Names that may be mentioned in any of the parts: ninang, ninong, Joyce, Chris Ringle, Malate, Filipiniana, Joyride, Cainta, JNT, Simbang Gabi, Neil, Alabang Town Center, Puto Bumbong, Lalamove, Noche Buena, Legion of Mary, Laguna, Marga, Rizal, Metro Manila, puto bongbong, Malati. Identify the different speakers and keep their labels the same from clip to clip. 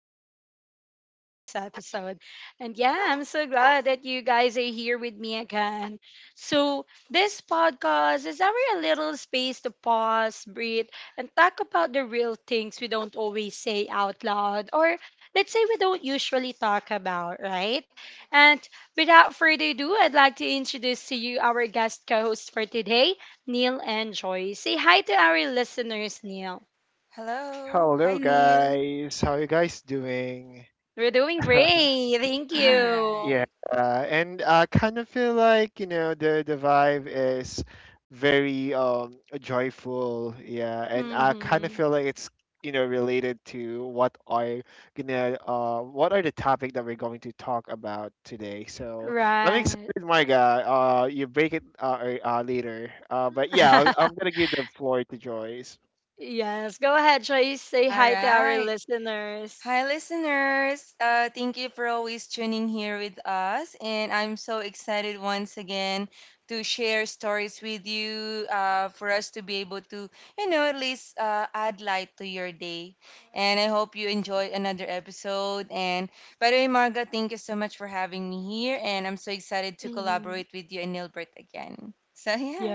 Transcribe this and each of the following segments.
Speaker 1: back to another podcast episode. And yeah, I'm so glad that you guys are here with me again. So this podcast is our little space to pause, breathe, and talk about the real things we don't always say out loud, or let's say we don't usually talk about, right? And without further ado, I'd like to introduce to you our guest co hosts for today, Neil and Joy. Say hi to our listeners, Neil.
Speaker 2: Hello. Hi,
Speaker 3: Hello,
Speaker 2: Neil.
Speaker 3: guys. How you guys doing?
Speaker 1: We're doing great. Thank
Speaker 2: All
Speaker 1: you.
Speaker 3: Yeah,
Speaker 2: right.
Speaker 3: and I kind of feel like the vibe is very joyful. Yeah, and I kind of
Speaker 1: Mm-hmm.
Speaker 3: feel like it's related to what are the topic that we're going to talk about today. So I'm
Speaker 1: Right.
Speaker 3: excited, my guy. You break it later. But yeah, I'm gonna give the floor to Joyce.
Speaker 1: Yes. Go ahead, Joyce. Say
Speaker 2: All
Speaker 1: hi to our
Speaker 2: right.
Speaker 1: listeners.
Speaker 2: Hi, listeners. Thank you for always tuning here with us. And I'm so excited once again to share stories with you for us to be able to, you know, at least add light to your day. And I hope you enjoy another episode. And by the way, Marga, thank you so much for having me here. And I'm so excited to
Speaker 1: Hmm.
Speaker 2: collaborate with you and Nilbert again. So, yeah,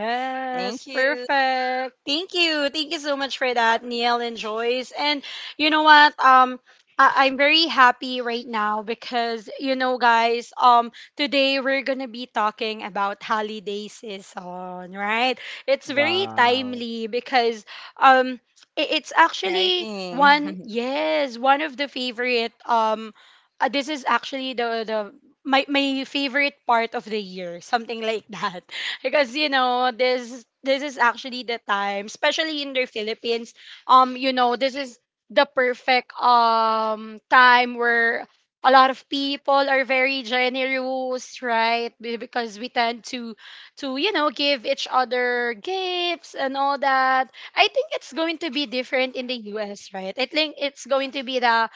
Speaker 2: thank you.
Speaker 1: perfect. Thank you. Thank you so much for that, Neil and Joyce. And you know what? I'm very happy right now because, you know, guys, today we're gonna be talking about holiday season, right? It's very
Speaker 3: Wow.
Speaker 1: timely because um it's actually
Speaker 2: Exciting.
Speaker 1: one of the favorite this is actually the my favorite part of the year, something like that, because, you know, this is actually the time, especially in the Philippines, you know, this is the perfect time where a lot of people are very generous, right? Because we tend to you know, give each other gifts and all that. I think it's going to be different in the US, right? I think it's going to be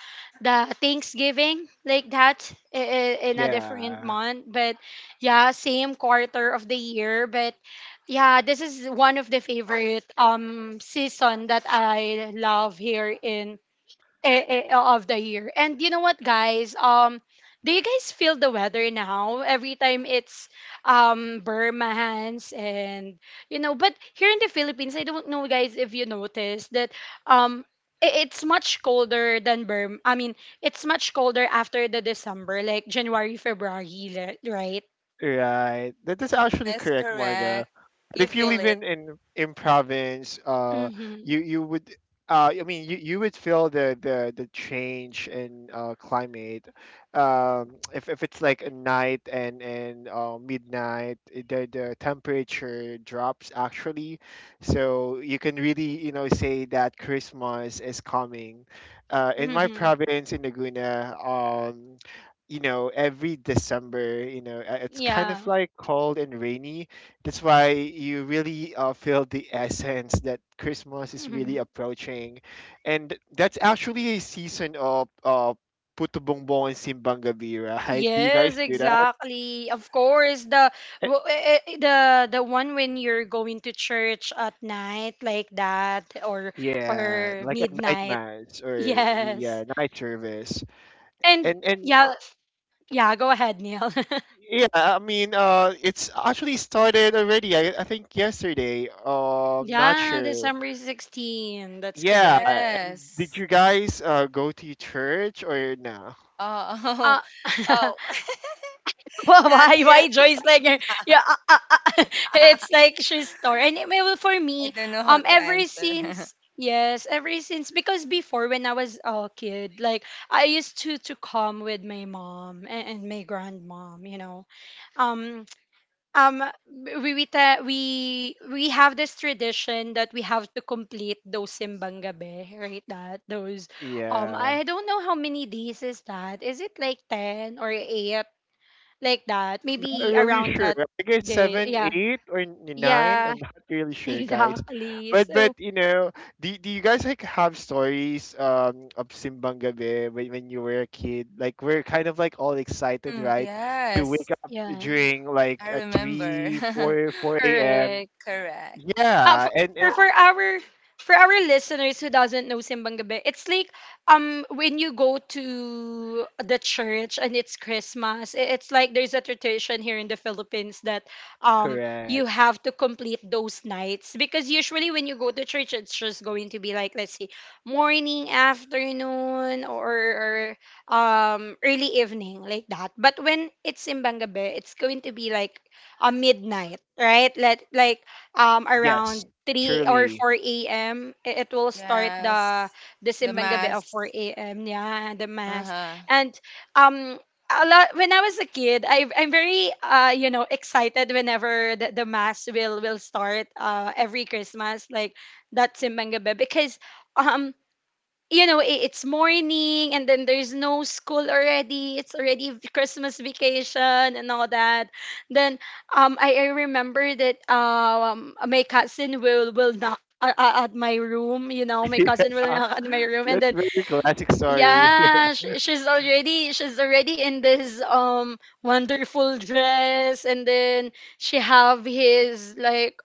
Speaker 1: the Thanksgiving, like that, in a different
Speaker 3: Yeah.
Speaker 1: month, but yeah, same quarter of the year. But yeah, this is one of the favorite season that I love here in of the year. And you know what, guys? Do you guys feel the weather now? Every time it's Burmans, and, you know, but here in the Philippines, I don't know, guys, if you noticed that um. It's much colder than Burma. I mean, it's much colder after the December, like January, February, li- right?
Speaker 3: Right. That is actually
Speaker 2: Yes,
Speaker 3: correct, Marga.
Speaker 2: correct.
Speaker 3: But
Speaker 2: You
Speaker 3: if you
Speaker 2: feel
Speaker 3: live
Speaker 2: it.
Speaker 3: in province, uh,
Speaker 1: Mm-hmm.
Speaker 3: you you would. I mean, you would feel the change in climate. If it's like a night and midnight, the temperature drops actually, so you can really say that Christmas is coming. In my
Speaker 1: Mm-hmm.
Speaker 3: province in Laguna, every December, it's kind of
Speaker 1: Yeah.
Speaker 3: like cold and rainy. That's why you really feel the essence that Christmas is
Speaker 1: Hmm.
Speaker 3: really approaching. And that's actually a season of puto bongbong and simbang gabi, right? Do you guys
Speaker 1: Yes,
Speaker 3: do that?
Speaker 1: exactly. Of course, the
Speaker 3: Eh,
Speaker 1: the one when you're going to church at night, like that,
Speaker 3: yeah
Speaker 1: or
Speaker 3: like a night
Speaker 1: midnight.
Speaker 3: mass, or
Speaker 1: Yes.
Speaker 3: yeah, night service.
Speaker 1: And
Speaker 3: And
Speaker 1: yeah, yeah, go ahead, Neil.
Speaker 3: yeah, I mean, it's actually started already. I think yesterday. Not
Speaker 1: Yeah,
Speaker 3: sure.
Speaker 1: December 16. That's
Speaker 3: Yeah.
Speaker 1: correct.
Speaker 3: And did
Speaker 2: Yes.
Speaker 3: you guys go to church or no?
Speaker 2: Oh, oh,
Speaker 1: Uh
Speaker 2: oh, not
Speaker 1: Why
Speaker 2: yet.
Speaker 1: Joyce like yeah it's like she's torn and it- well, for
Speaker 2: I
Speaker 1: me
Speaker 2: don't know how to
Speaker 1: ever
Speaker 2: answer.
Speaker 1: since, ever since, because before, when I was a kid, like I used to come with my mom and my grandmom, you know, um um we have this tradition that we have to complete those simbang gabi, right? That those
Speaker 3: Yeah.
Speaker 1: I don't know how many days is that, is it like 10 or 8, like that,
Speaker 3: Not
Speaker 1: maybe
Speaker 3: really
Speaker 1: around
Speaker 3: sure.
Speaker 1: that
Speaker 3: I guess
Speaker 1: day.
Speaker 3: seven,
Speaker 1: Yeah,
Speaker 3: eight, or nine.
Speaker 1: yeah.
Speaker 3: I'm not really sure, guys.
Speaker 1: Exactly.
Speaker 3: But
Speaker 1: So
Speaker 3: do you guys like have stories of Simbang Gabi, when you were a kid? Like we're kind of like all excited,
Speaker 2: Mm,
Speaker 3: right? To
Speaker 2: yes,
Speaker 3: wake up
Speaker 1: yeah.
Speaker 3: during like
Speaker 2: I
Speaker 3: a
Speaker 2: remember.
Speaker 3: three, four, four a.m.
Speaker 1: Correct.
Speaker 2: Correct.
Speaker 1: Uh,
Speaker 3: Yeah, and and
Speaker 1: for our listeners who doesn't know Simbang Gabi, it's like when you go to the church and it's Christmas, it's like there's a tradition here in the Philippines that you
Speaker 3: correct.
Speaker 1: have to complete those nights, because usually when you go to church, it's just going to be like, let's see, morning, afternoon, or early evening, like that. But when it's Simbang Gabi, it's going to be like a midnight, right? Let like
Speaker 3: Yes,
Speaker 1: around 3 or
Speaker 3: surely.
Speaker 1: 4 a.m. It will start
Speaker 2: Yes.
Speaker 1: the
Speaker 2: The
Speaker 1: simbang gabi of
Speaker 2: mask.
Speaker 1: 4 a.m. Yeah, the mass.
Speaker 2: Uh-huh.
Speaker 1: And um a lot, when I was a kid, I'm very you know, excited whenever the mass will start every Christmas, like that simbang gabi, because um you know, it's morning and then there's no school already, it's already Christmas vacation and all that. Then I remember that my cousin will knock at my room, you know, my cousin will
Speaker 3: Yeah,
Speaker 1: knock at my room, and
Speaker 3: that's
Speaker 1: then
Speaker 3: very classic story.
Speaker 2: Uh-huh.
Speaker 1: yeah, she's already, she's already in this wonderful dress, and then she have his like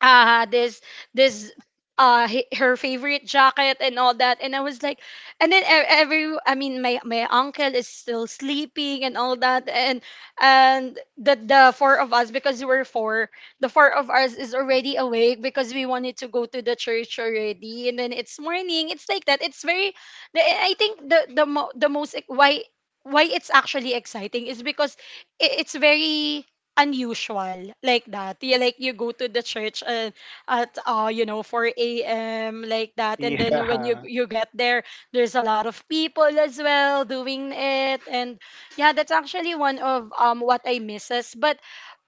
Speaker 1: uh this this her favorite jacket and all that, and I was like, and then every, I mean, my uncle is still sleeping and all that, and the four of us, because we're four, the four of us is already awake because we wanted to go to the church already, and then it's morning, it's like that, it's very the, I think the why it's actually exciting is because it's very unusual, like that. Yeah, like you go to the church at you know, 4 a.m. like that, and then when
Speaker 3: Yeah.
Speaker 1: you get there, there's a lot of people as well doing it, and yeah, that's actually one of what I misses. But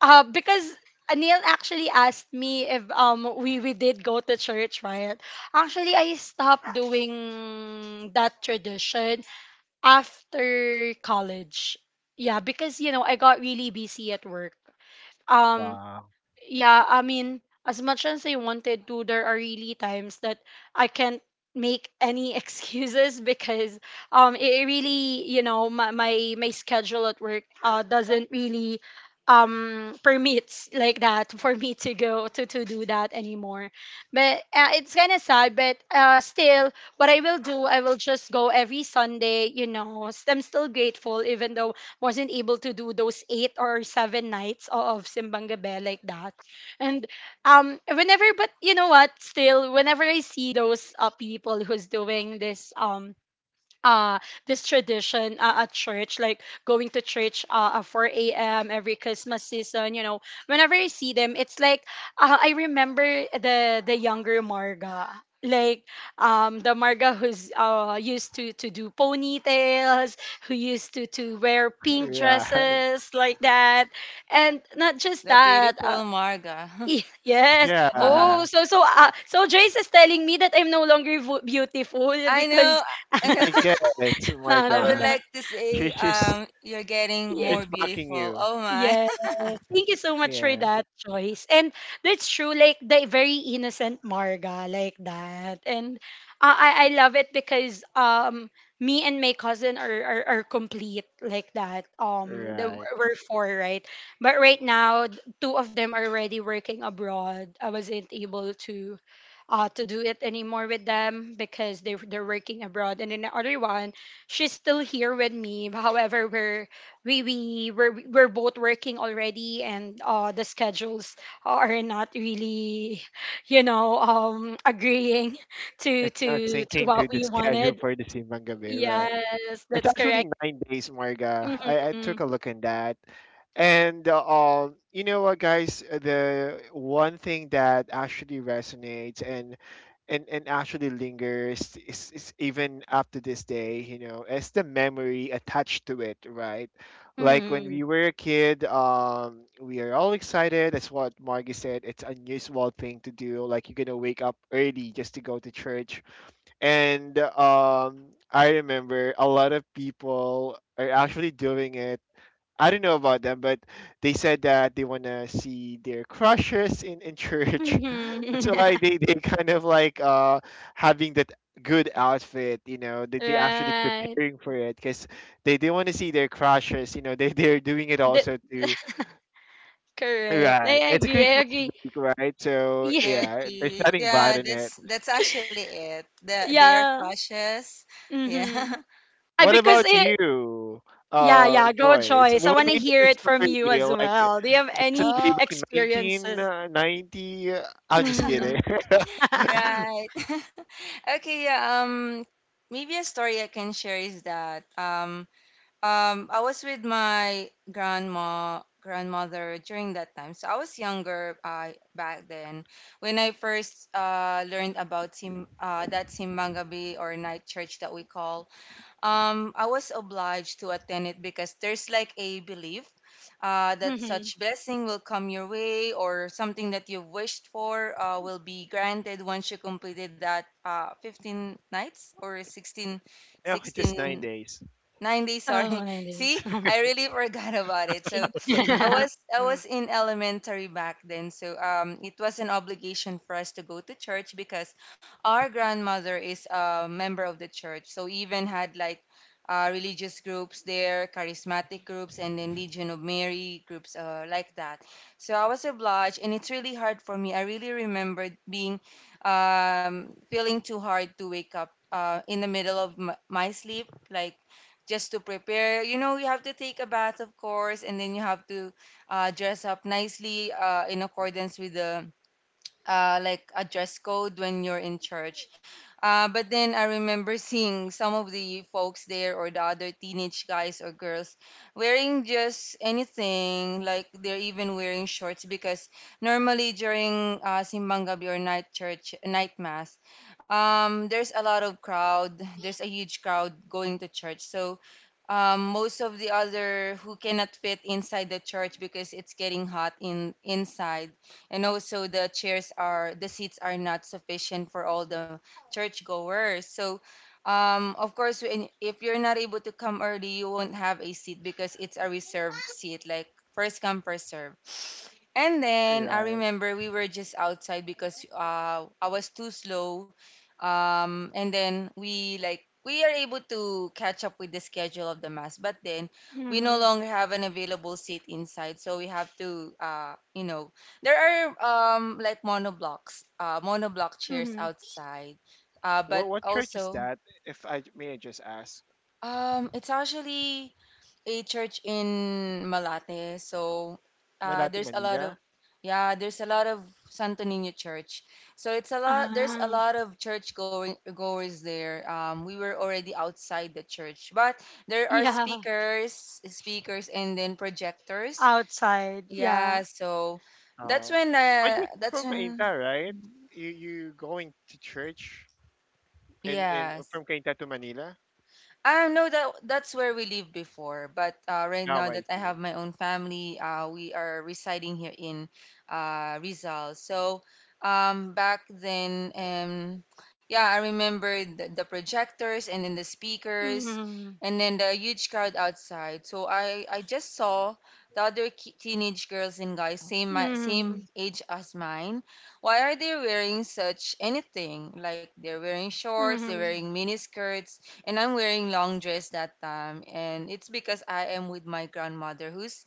Speaker 1: because Anil actually asked me if we we did go to church, right? Actually, I stopped doing that tradition after college. Yeah, because, you know, I got really busy at work. Um,
Speaker 3: Wow.
Speaker 1: yeah, I mean, as much as I wanted to, there are really times that I can't make any excuses because it really, you know, my schedule at work doesn't really permits like that for me to go to do that anymore. But it's kind of sad, but still what I will do, I will just go every Sunday, you know. I'm still grateful even though wasn't able to do those 8 or 7 nights of Simbang Gabi like that. And whenever, but you know what? Still, whenever I see those people who's doing this uh this tradition at church like going to church at 4 a.m every Christmas season, you know, whenever I see them, it's like I remember the younger Marga, like the Marga who's used to do ponytails, who used to wear pink
Speaker 3: Right.
Speaker 1: dresses like that. And not just
Speaker 2: The
Speaker 1: that
Speaker 2: beautiful Marga.
Speaker 1: Yes.
Speaker 3: Yeah.
Speaker 1: Oh,
Speaker 3: I
Speaker 1: so so so Jace is telling me that I'm no longer beautiful
Speaker 2: I
Speaker 1: because
Speaker 2: know. I know.
Speaker 3: guess. Oh my
Speaker 1: No,
Speaker 2: I
Speaker 1: no,
Speaker 2: would
Speaker 3: God.
Speaker 1: no.
Speaker 2: like to
Speaker 3: She,
Speaker 2: say
Speaker 3: she's
Speaker 2: you're getting
Speaker 1: Ye-
Speaker 3: she's
Speaker 2: more
Speaker 3: mocking
Speaker 2: beautiful.
Speaker 3: you.
Speaker 2: Oh my.
Speaker 1: Yes. Thank you so much for
Speaker 3: Yeah.
Speaker 1: that choice. And that's true, like the very innocent Marga, like that. And I love it because me and my cousin are complete like that. The,
Speaker 3: Right.
Speaker 1: we're four, right? But right now two of them are already working abroad. I wasn't able to do it anymore with them because they're working abroad. And then the other one, she's still here with me. However, we're we we're both working already, and the schedules are not really, you know, agreeing to
Speaker 3: It's not syncing
Speaker 1: what
Speaker 3: to the
Speaker 1: we
Speaker 3: schedule
Speaker 1: wanted.
Speaker 3: for the simbang gabi. Right.
Speaker 1: Yes,
Speaker 3: It's
Speaker 1: that's
Speaker 3: actually
Speaker 1: correct.
Speaker 3: 9 days, Marga. I
Speaker 1: Hmm.
Speaker 3: took a look in that. And you know what, guys? The one thing that actually resonates and actually lingers is, even up to this day, is the memory attached to it, right? Like when
Speaker 1: Hmm.
Speaker 3: we were a kid, we are all excited. That's what Margie said. It's unusual thing to do. Like you're gonna wake up early just to go to church. And I remember a lot of people are actually doing it. I don't know about them, but they said that they want to see their crushes in church.
Speaker 1: Hmm.
Speaker 3: That's why they kind of like having that good outfit. They actually
Speaker 1: Right.
Speaker 3: preparing for it, because they want to see their crushes, they're doing it
Speaker 1: that,
Speaker 3: also too.
Speaker 1: correct. I
Speaker 3: Right. It's a
Speaker 1: agree, I
Speaker 3: Christmas
Speaker 1: agree.
Speaker 3: week, right? So,
Speaker 1: Yeah.
Speaker 2: I
Speaker 3: yeah, there's
Speaker 2: agree.
Speaker 3: nothing bad
Speaker 2: Yeah,
Speaker 3: in it.
Speaker 2: that's actually it. The, they are
Speaker 1: Yeah.
Speaker 2: cautious. Yeah.
Speaker 1: Mm-hmm. I,
Speaker 3: What
Speaker 1: because
Speaker 3: about
Speaker 1: it
Speaker 3: you,
Speaker 1: yeah, yeah, go
Speaker 3: Joyce?
Speaker 1: Joyce,
Speaker 3: We
Speaker 1: I
Speaker 3: want
Speaker 1: want
Speaker 3: to
Speaker 1: to
Speaker 3: hear
Speaker 1: hear
Speaker 3: your
Speaker 1: it from you
Speaker 3: story.
Speaker 1: as
Speaker 3: Like,
Speaker 1: well, do you have
Speaker 3: was it
Speaker 1: any
Speaker 3: way
Speaker 2: Oh.
Speaker 3: back in
Speaker 1: experiences?
Speaker 3: 1990? I'm just kidding.
Speaker 1: Mhm.
Speaker 2: Right. Okay, yeah, maybe a story I can share is that I was with my grandma grandmother during that time. So I was younger back then when I first learned about sim that Simbang Gabi or night church that we call. I was obliged to attend it because there's like a belief that
Speaker 1: Mhm.
Speaker 2: such blessing will come your way or something that you wished for will be granted once you completed that 15 nights or 16,
Speaker 3: No, just nine
Speaker 2: 16
Speaker 3: days.
Speaker 2: 90,
Speaker 1: Oh,
Speaker 2: sorry.
Speaker 1: 90s.
Speaker 2: See, I really forgot about it.
Speaker 1: See?
Speaker 2: So I was I was in elementary back then. So it was an obligation for us to go to church because our grandmother is a member of the church. So we even had like religious groups there, charismatic groups, and then Legion of Mary groups like that. So I was obliged, and it's really hard for me. I really remembered being feeling too hard to wake up in the middle of my sleep, like just to prepare. You know, you have to take a bath, of course, and then you have to dress up nicely in accordance with the like a dress code when you're in church. But then I remember seeing some of the folks there or the other teenage guys or girls wearing just anything, like they're even wearing shorts because normally during Simbang Gabi or night church, night mass, there's a lot of crowd. There's a huge crowd going to church. So most of the other who cannot fit inside the church because it's getting hot in inside and also the seats are not sufficient for all the churchgoers, so of course if you're not able to come early, you won't have a seat because it's a reserved seat, like first come first serve. And then I
Speaker 3: Right.
Speaker 2: remember we were just outside because I was too slow. And then we are able to catch up with the schedule of the mass, but then we no
Speaker 1: Mhm.
Speaker 2: longer have an available seat inside, so we have to, you know, there are like monoblocks, monoblock chairs
Speaker 1: Mhm.
Speaker 2: outside, but
Speaker 3: What church is
Speaker 2: also
Speaker 3: that? If I may I just ask?
Speaker 2: it's actually a church in Malate, so
Speaker 3: Malati,
Speaker 2: there's a lot
Speaker 3: Manila?
Speaker 2: of yeah, there's a lot of Santo Niño Church. So it's a lot. There's a
Speaker 1: Ah,
Speaker 2: lot of church going goers there. We were already outside the church, but there are
Speaker 1: yeah.
Speaker 2: speakers, and then projectors.
Speaker 1: Outside. Yeah.
Speaker 2: Yeah, so
Speaker 3: Oh, but you're
Speaker 2: that's
Speaker 3: from
Speaker 2: when.
Speaker 3: Cainta, right? You going to church in
Speaker 2: Yes.
Speaker 3: from Cainta to Manila?
Speaker 2: No, that that's where we lived before. But right
Speaker 3: Now
Speaker 2: now
Speaker 3: I
Speaker 2: that I have
Speaker 3: see.
Speaker 2: my own family, we are residing here in Rizal. So back then, yeah, I remember the projectors and then the speakers
Speaker 1: Mhm.
Speaker 2: and then the huge crowd outside. So I just saw the other teenage girls and guys, same
Speaker 1: Mhm.
Speaker 2: age as mine. Why are they wearing such anything? Like they're wearing shorts, they're
Speaker 1: Mhm.
Speaker 2: wearing miniskirts, and I'm wearing long dress that time. And it's because I am with my grandmother, who's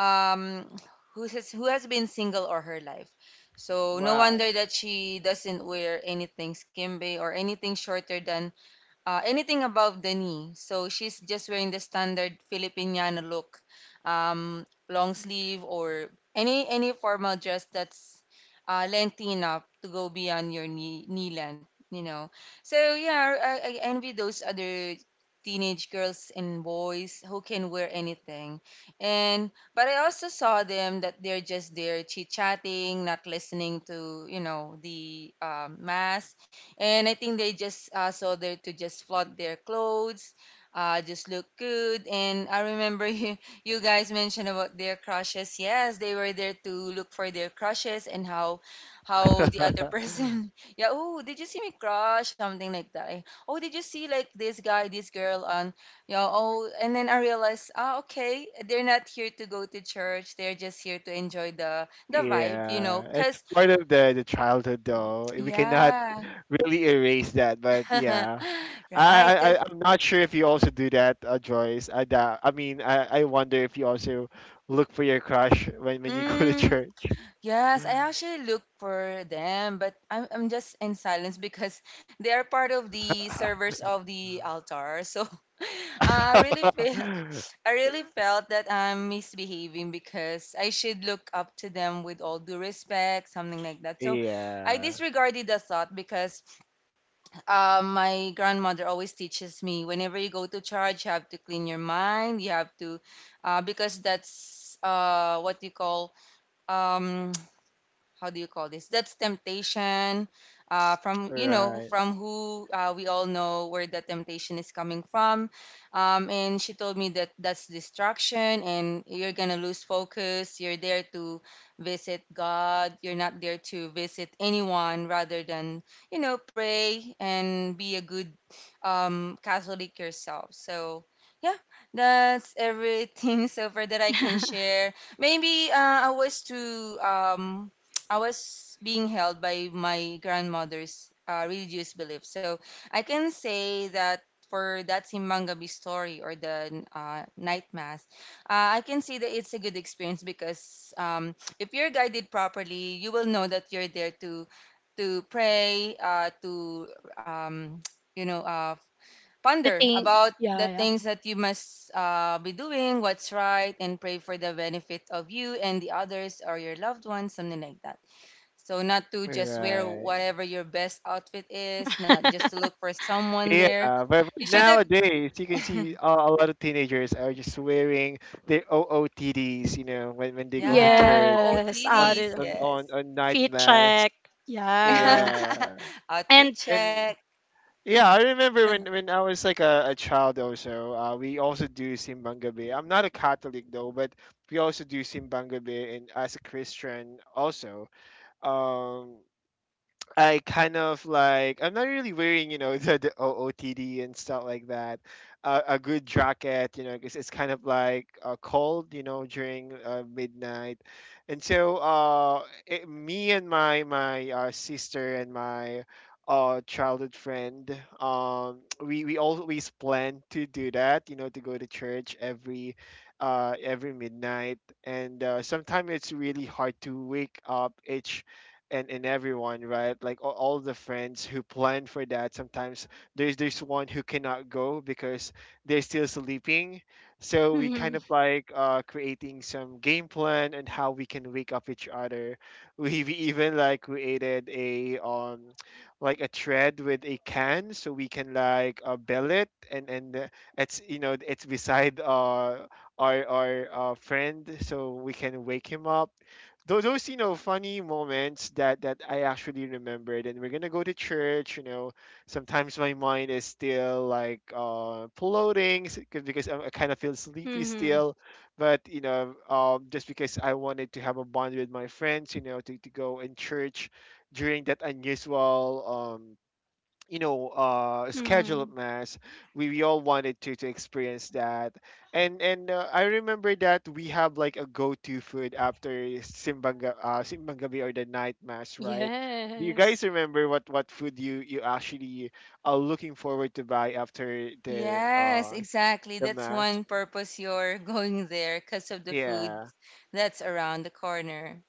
Speaker 2: um who has been single all her life. So no wonder
Speaker 3: Wow.
Speaker 2: that she doesn't wear anything skimbe or anything shorter than anything above the knee. So she's just wearing the standard Filipiniana look, long sleeve or any formal dress that's lengthy enough to go beyond your knee length. You know, so yeah, I envy those other teenage girls and boys who can wear anything. And but I also saw them that they're just there chit chatting, not listening to, you know, the mask. And I think they just saw there to just flaunt their clothes, just look good. And I remember you guys mentioned about their crushes. Yes, they were there to look for their crushes and how the other person. Yeah. Oh, did you see me crush? Something like that. Eh, oh, did you see like this guy, this girl on? Yeah. Oh, and then I realized, ah, okay, they're not here to go to church. They're just here to enjoy the vibe, you know.
Speaker 3: Yeah, it's
Speaker 2: Cause
Speaker 3: part of the childhood though. We cannot
Speaker 2: yeah.
Speaker 3: really erase that, but yeah.
Speaker 2: Right,
Speaker 3: I,
Speaker 2: 'cause
Speaker 3: I I- I'm not sure if you also do that, Joyce. I doubt, I mean, I wonder if you also look for your crush when you go to
Speaker 2: mm,
Speaker 3: church.
Speaker 2: yes, I actually look for them, but I'm just in silence because they are part of the servers of the altar. So I really feel I really felt that I'm misbehaving because I should look up to them with all due respect, something like that. So I
Speaker 3: Yeah.
Speaker 2: disregarded the thought because my grandmother always teaches me, whenever you go to church, you have to clean your mind. You have to, because that's what you call, um, how do you call this? That's temptation. From, you know,
Speaker 3: Right.
Speaker 2: from who we all know where the temptation is coming from. And she told me that that's distraction, and you're gonna lose focus. You're there to visit God. You're not there to visit anyone rather than, you know, pray and be a good Catholic yourself. So yeah, that's everything so far that I can share. Maybe I was too I was being held by my grandmother's religious belief. So I can say that for that Simbangabi story or the night mass, I can say that it's a good experience because if you're guided properly, you will know that you're there to pray, to um, you know,
Speaker 1: To
Speaker 2: ponder
Speaker 1: think.
Speaker 2: about
Speaker 1: Yeah,
Speaker 2: the
Speaker 1: yeah.
Speaker 2: things that you must be doing, what's right, and pray for the benefit of you and the others or your loved ones, something like that. So not to just wear
Speaker 3: Right.
Speaker 2: whatever your best outfit is, not just to look for someone
Speaker 3: Yeah,
Speaker 2: there.
Speaker 3: but,
Speaker 2: You
Speaker 3: but
Speaker 2: should
Speaker 3: nowadays you can
Speaker 2: have,
Speaker 3: see a, a lot of teenagers are just wearing their OOTDs, when they go to
Speaker 2: yeah,
Speaker 3: church
Speaker 1: Yes,
Speaker 3: on
Speaker 1: out
Speaker 2: OOTDs,
Speaker 1: it-
Speaker 3: s-
Speaker 2: yes.
Speaker 3: on night
Speaker 1: feet
Speaker 3: mass.
Speaker 1: check. Yeah.
Speaker 3: Yeah,
Speaker 2: Outfit
Speaker 1: And
Speaker 3: and
Speaker 2: check.
Speaker 3: yeah, I remember when I was like a child also. We also do simbang gabi. I'm not a Catholic though, but we also do simbang gabi, and as a Christian also. Um. I kind of like I'm not really wearing the OOTD and stuff like that. A good jacket, because it's kind of like cold, during midnight, and so me and my sister and my childhood friend we always plan to do that, to go to church every midnight. And sometimes it's really hard to wake up each and everyone, right? Like all the friends who plan for that, sometimes there's one who cannot go because they're still sleeping. So we kind
Speaker 1: mhm,
Speaker 3: of like creating some game plan and how we can wake up each other. We even like created a like a thread with a can, so we can like bell it, and it's you know it's beside our friend, so we can wake him up. Those funny moments that I actually remembered. And we're gonna go to church. Sometimes my mind is still like floating, because I kind of feel sleepy
Speaker 1: mhm,
Speaker 3: still. But just because I wanted to have a bond with my friends, to go in church during that unusual scheduled
Speaker 1: mhm.
Speaker 3: mass. We all wanted to experience that. And I remember that we have like a go-to food after simbang gabi or the night mass, right? Do you guys
Speaker 1: Yes.
Speaker 3: remember what food you actually are looking forward to buy after
Speaker 2: Yes, exactly.
Speaker 3: the
Speaker 2: That's
Speaker 3: mass?
Speaker 2: one purpose you're going there, because of the food
Speaker 3: Yeah,
Speaker 2: that's around the corner.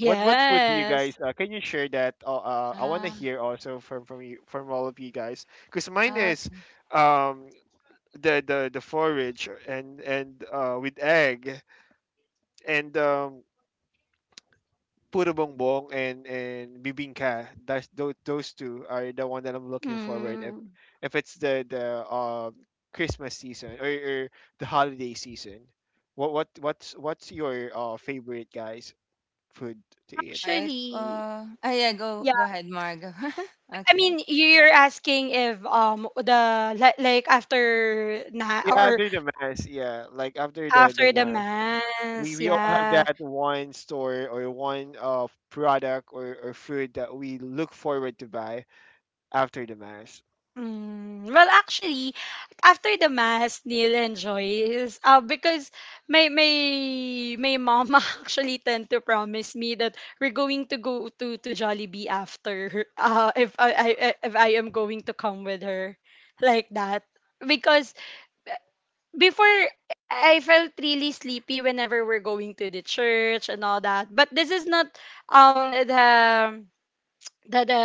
Speaker 3: what food do you guys can you share that? I want to
Speaker 2: Ah,
Speaker 3: hear also from you, from all of you guys. Because mine is
Speaker 2: okay.
Speaker 3: um the forage and with egg. And puro bongbong and bibingka. That's those two are the one that I'm looking forward, if
Speaker 1: Mm.
Speaker 3: it's the Christmas season, or the holiday season. What's your favorite, guys, food to eat?
Speaker 2: Right.
Speaker 1: Actually,
Speaker 2: Yeah, go ahead, Margo.
Speaker 1: I
Speaker 2: Okay.
Speaker 1: mean, you're asking if the like after na
Speaker 3: Yeah,
Speaker 1: or
Speaker 3: after the mass, yeah, like after the
Speaker 1: after the
Speaker 3: mass, we
Speaker 1: mass,
Speaker 3: we all have
Speaker 1: yeah.
Speaker 3: that one store or one product or food that we look forward to buy after the mass.
Speaker 1: Mm. Well, actually, after the mass, Neil and Joy, because my mom actually tend to promise me that we're going to go to Jollibee after if if I am going to come with her, like that, because before I felt really sleepy whenever we're going to the church and all that. But this is not the the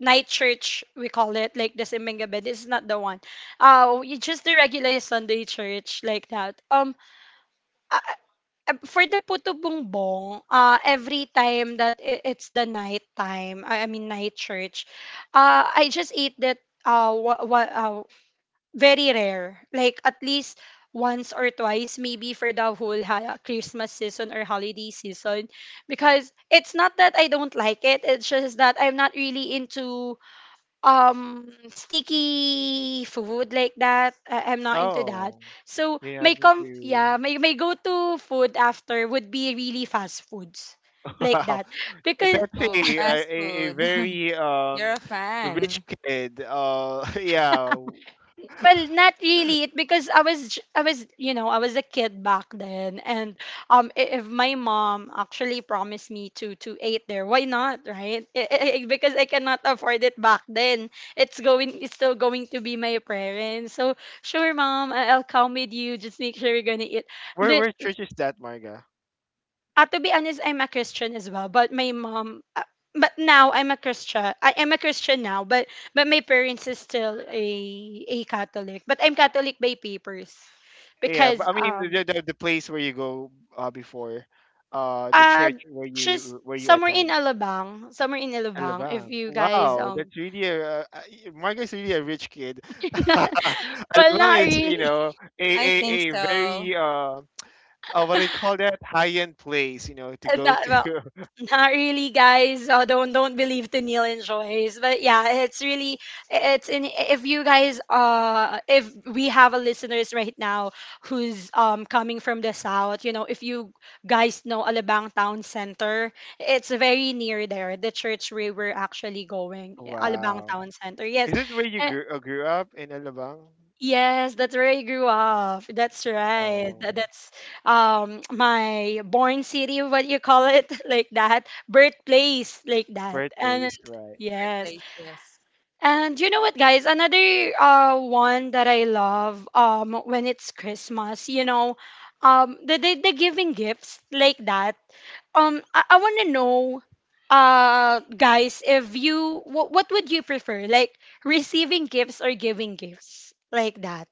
Speaker 1: night church, we call it like the Simingabed. This is not the one. Just the regular Sunday church like that. Uh, for the Puto Bumbong, every time that it's the night time, I mean night church, I just ate that uh, what, very rare. Like at least once or twice, maybe for the whole Christmas season or holiday season. Because it's not that I don't like it. It's just that I'm not really into sticky food like that. I'm not into that.
Speaker 3: Oh,
Speaker 1: So
Speaker 3: you're not
Speaker 1: my com
Speaker 3: into,
Speaker 1: yeah, my go to food after would be really fast foods like
Speaker 3: wow.
Speaker 1: that because
Speaker 3: That's
Speaker 2: Oh,
Speaker 3: a a,
Speaker 2: fast
Speaker 3: a a
Speaker 2: food.
Speaker 3: very
Speaker 2: You're a fan.
Speaker 3: rich kid. Yeah.
Speaker 1: well, not really. It because I was I was, you know, I was a kid back then, and if my mom actually promised me to eat there, why not, right? Because I cannot afford it back then. It's going, it's still going to be my parents. So sure, mom, I'll come with you. Just make sure we're gonna eat
Speaker 3: Where church is that, Marga?
Speaker 1: to be honest, I'm a Christian as well, but my mom. But now I'm a Christian. I am a Christian now, but my parents is still a Catholic. But I'm Catholic by papers,
Speaker 3: Yeah, but
Speaker 1: because
Speaker 3: I mean the the, the place where you go before, the
Speaker 1: uh
Speaker 3: church where
Speaker 1: just
Speaker 3: you
Speaker 1: somewhere in
Speaker 3: attend.
Speaker 1: Alabang, somewhere in Alabang. If
Speaker 3: Alabang.
Speaker 1: you guys
Speaker 3: Wow, that's really a— Marga's really a rich kid.
Speaker 1: well not
Speaker 3: Alabang is
Speaker 1: really,
Speaker 3: a
Speaker 2: I
Speaker 3: a,
Speaker 2: think
Speaker 3: a
Speaker 2: so.
Speaker 3: very what do you call that? High end place, to go
Speaker 1: not
Speaker 3: to.
Speaker 1: Not really, guys. Don't believe to Neil and Joyce. But yeah, it's really it's in if you guys if we have a listeners right now who's coming from the south, you know, if you guys know Alabang Town Center, it's very near there, the church where we're actually going. Alabang
Speaker 3: Wow.
Speaker 1: Town Center.
Speaker 3: Is
Speaker 1: Yes.
Speaker 3: this where you grew up in Alabang?
Speaker 1: Yes, that's where I grew up. That's right. That,
Speaker 3: Oh,
Speaker 1: that's my born city, what you call it, like that, birthplace, like that. And
Speaker 3: birthplace, right.
Speaker 2: Favorite
Speaker 1: yes.
Speaker 2: place, yes.
Speaker 1: And you know what, guys? Another one that I love when it's Christmas, the giving gifts like that. I want to know, guys, if you what would you prefer, like receiving gifts or giving gifts like that?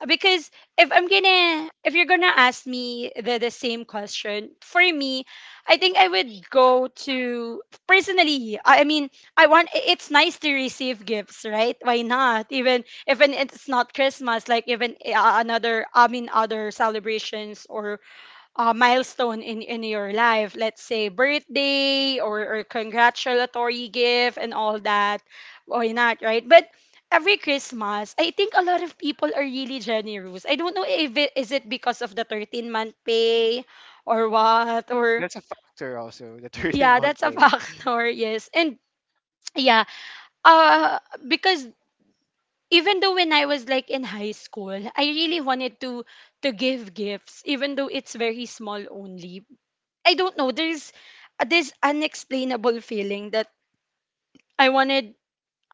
Speaker 1: Because if you're gonna ask me the same question for me, I think I would go to, personally, I mean, it's nice to receive gifts, right? Why not? Even it's not Christmas, like, even another I mean other celebrations, or milestone in your life, let's say birthday, or congratulatory gift and all that. Why not, right? But every Christmas, I think a lot of people are really generous. I don't know if it is it because of the 13-month pay, or what. Or
Speaker 3: That's a factor also, the third in
Speaker 1: yeah,
Speaker 3: one
Speaker 1: that's a
Speaker 3: day.
Speaker 1: factor, yes. And yeah, uh because even though when I was like in high school, I really wanted to give gifts, even though it's very small only. I don't know. There's, this unexplainable feeling that I wanted,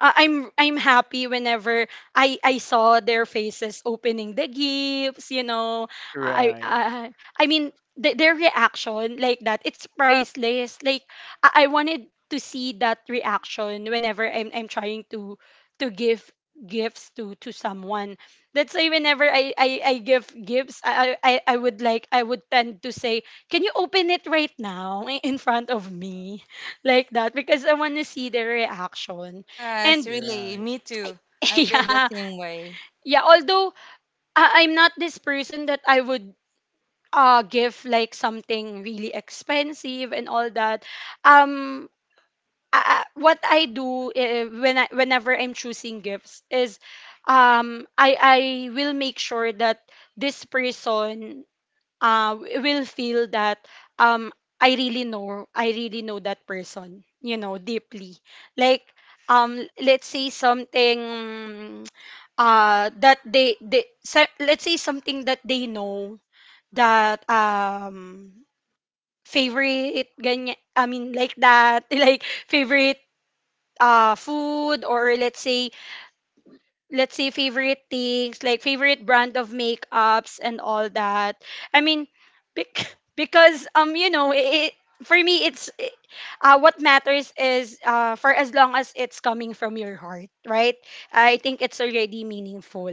Speaker 1: I'm happy whenever I saw their faces opening the gifts. I
Speaker 3: Right,
Speaker 1: I I mean their reaction like that, it's priceless. Like, I wanted to see that reaction whenever I'm trying to give gifts to someone. That's why whenever I give gifts, I would tend to say, "Can you open it right now in front of me?" Like that, because I want to see their reaction.
Speaker 2: Yes,
Speaker 1: And
Speaker 2: really,
Speaker 3: right.
Speaker 2: me too. I feel the
Speaker 1: yeah,
Speaker 2: same way.
Speaker 1: yeah. Although, I'm not this person that I would give like something really expensive and all that. Um, what I do, whenever I'm choosing gifts is, I will make sure that this person will feel that um I really know, I really know that person, you know, deeply. Like, let's say something, that they se- let's say something that they know, that favorite ganyan, I mean like that, like favorite food, or let's say favorite things, like favorite brand of makeups and all that. I mean, because you know it, for me what matters is, for as long as it's coming from your heart, right? I think it's already meaningful.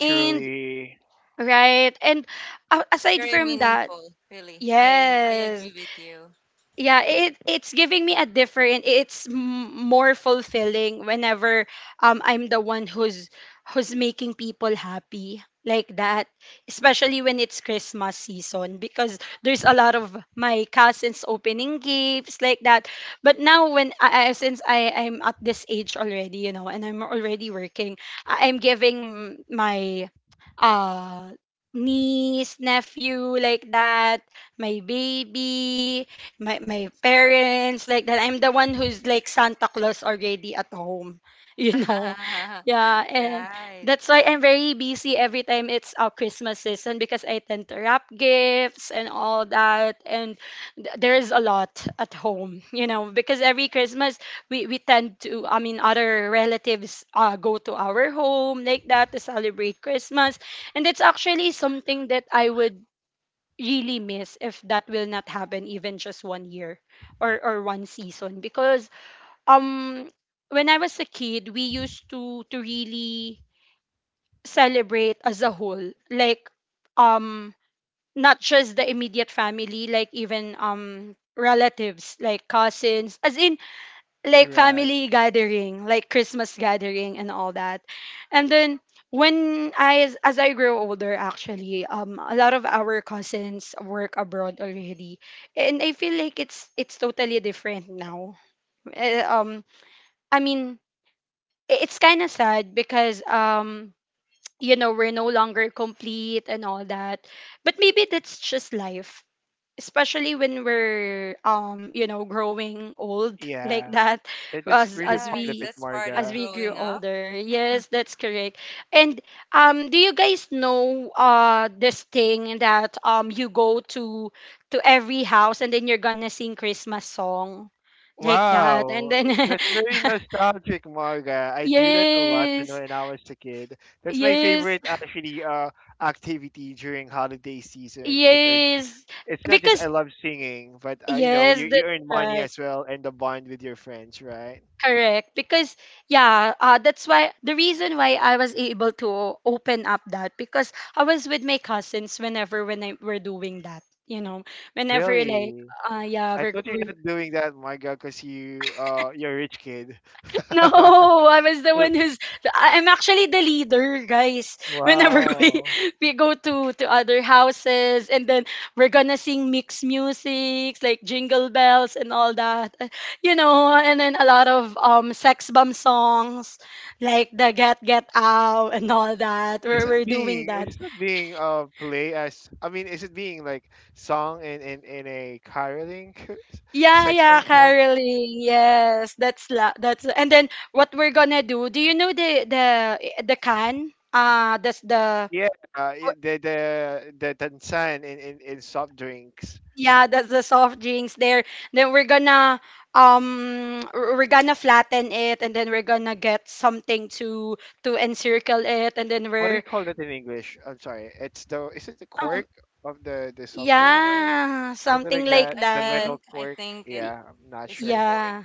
Speaker 1: And right. And,
Speaker 2: Yes,
Speaker 1: aside
Speaker 2: very
Speaker 1: from that,
Speaker 2: meaningful, really. I
Speaker 1: yes.
Speaker 2: agree with you.
Speaker 1: Yeah, it's giving me a different, more fulfilling whenever I'm the one who's making people happy like that. Especially when it's Christmas season, because there's a lot of my cousins opening gifts like that. But now, since I'm at this age already, you know, and I'm already working, I'm giving my uh niece, nephew like that, my baby, my parents like that. I'm the one who's like Santa Claus already at home, you know. Yeah. And
Speaker 2: Right.
Speaker 1: that's why I'm very busy every time it's our Christmas season, because I tend to wrap gifts and all that. And there is a lot at home, you know, because every Christmas we tend to I mean other relatives, go to our home like that to celebrate Christmas. And it's actually something that I would really miss if that will not happen, even just one year or one season, because um when I was a kid, we used to really celebrate as a whole, like, um not just the immediate family, like even relatives, like cousins, as in like
Speaker 3: right.
Speaker 1: family gathering, like Christmas gathering and all that. And then when I as I grow older, actually, a lot of our cousins work abroad already. And I feel like it's totally different now. Eh, um I mean, it's kind of sad because, you know, we're no longer complete and all that. But maybe that's just life, especially when we're you know, growing old like
Speaker 3: Yeah,
Speaker 1: that.
Speaker 3: that is
Speaker 1: as
Speaker 3: really
Speaker 1: as
Speaker 2: Yes,
Speaker 3: part of
Speaker 1: we
Speaker 3: it,
Speaker 2: that's part of
Speaker 1: as
Speaker 3: Marga.
Speaker 1: we grew
Speaker 2: growing up.
Speaker 1: older, yes, that's correct. And, do you guys know this thing that you go to every house, and then you're gonna sing Christmas song, like that, and
Speaker 3: Wow,
Speaker 1: then
Speaker 3: that's very nostalgic, Marga. I do that a lot,
Speaker 1: yes,
Speaker 3: when I was a kid. That's my
Speaker 1: yes,
Speaker 3: favorite, actually, activity during holiday season, because
Speaker 1: yes,
Speaker 3: it's not just I
Speaker 1: because
Speaker 3: love singing, but
Speaker 1: yes,
Speaker 3: you,
Speaker 1: that's
Speaker 3: you earn money
Speaker 1: right.
Speaker 3: as well, and the bond with your friends, right?
Speaker 1: Correct. Because yeah, that's why the reason why I was able to open up that, because I was with my cousins whenever when I were doing that. You know, whenever, like,
Speaker 3: Really?
Speaker 1: yeah,
Speaker 3: I
Speaker 1: we're,
Speaker 3: thought you're
Speaker 1: we
Speaker 3: not doing that, my God, because you're a rich kid.
Speaker 1: No, I was the one who's I- I'm actually the leader, guys. Whenever we
Speaker 3: Wow.
Speaker 1: we go to other houses, and then we're gonna sing mixed music, like jingle bells and all that. You know, and then a lot of sex bomb songs, like the Get Out and all that.
Speaker 3: Is
Speaker 1: We're
Speaker 3: it
Speaker 1: we're doing
Speaker 3: being,
Speaker 1: that.
Speaker 3: is it being play as, I mean, is it being like song in a caroling
Speaker 1: Yeah,
Speaker 3: sex
Speaker 1: yeah,
Speaker 3: song?
Speaker 1: caroling. Yes, that's la that's and then what we're gonna do. Do you know the the can? That's the.
Speaker 3: Yeah, the tansan in soft drinks.
Speaker 1: Yeah, that's the soft drinks there. Then we're gonna we're gonna flatten it, and then we're gonna get something to encircle it, and then
Speaker 3: What do you
Speaker 1: we're
Speaker 3: call that in English? I'm sorry. It's the Is it the cork
Speaker 1: um
Speaker 3: of the soft drink?
Speaker 2: Core.
Speaker 1: yeah,
Speaker 3: Something
Speaker 1: something
Speaker 3: like
Speaker 1: like
Speaker 3: that. The
Speaker 1: that.
Speaker 3: metal
Speaker 2: I
Speaker 3: cork.
Speaker 2: think it
Speaker 1: Y-
Speaker 3: Yeah, I'm not
Speaker 2: is the
Speaker 3: sure.
Speaker 2: core.
Speaker 1: Yeah.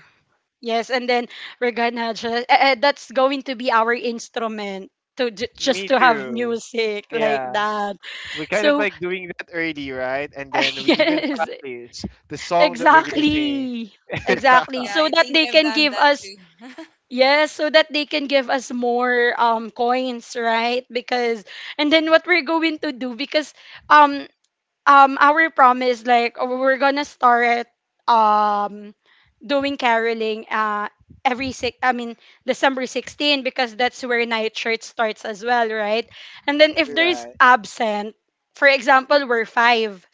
Speaker 1: Yes, and then we're gonna just, that's going to be our instrument just
Speaker 3: Me
Speaker 1: to have
Speaker 3: too.
Speaker 1: music like
Speaker 3: Yeah.
Speaker 1: that.
Speaker 3: We kind of
Speaker 1: So,
Speaker 3: like doing that early, right? And then we even
Speaker 1: yes,
Speaker 3: practice the song that we're gonna sing.
Speaker 1: exactly. Exactly.
Speaker 2: Yeah,
Speaker 1: So
Speaker 2: I
Speaker 1: that
Speaker 2: think
Speaker 1: they
Speaker 2: I've
Speaker 1: can
Speaker 2: done
Speaker 1: give
Speaker 2: that
Speaker 1: us.
Speaker 2: too.
Speaker 1: Yes, so that they can give us more coins, right? Because, and then what we're going to do, because um our promise, like, oh, we're gonna start um doing caroling, every six I mean December 16, because that's where night church starts as well, right? And then if there's
Speaker 3: Right.
Speaker 1: absent, for example, we're five.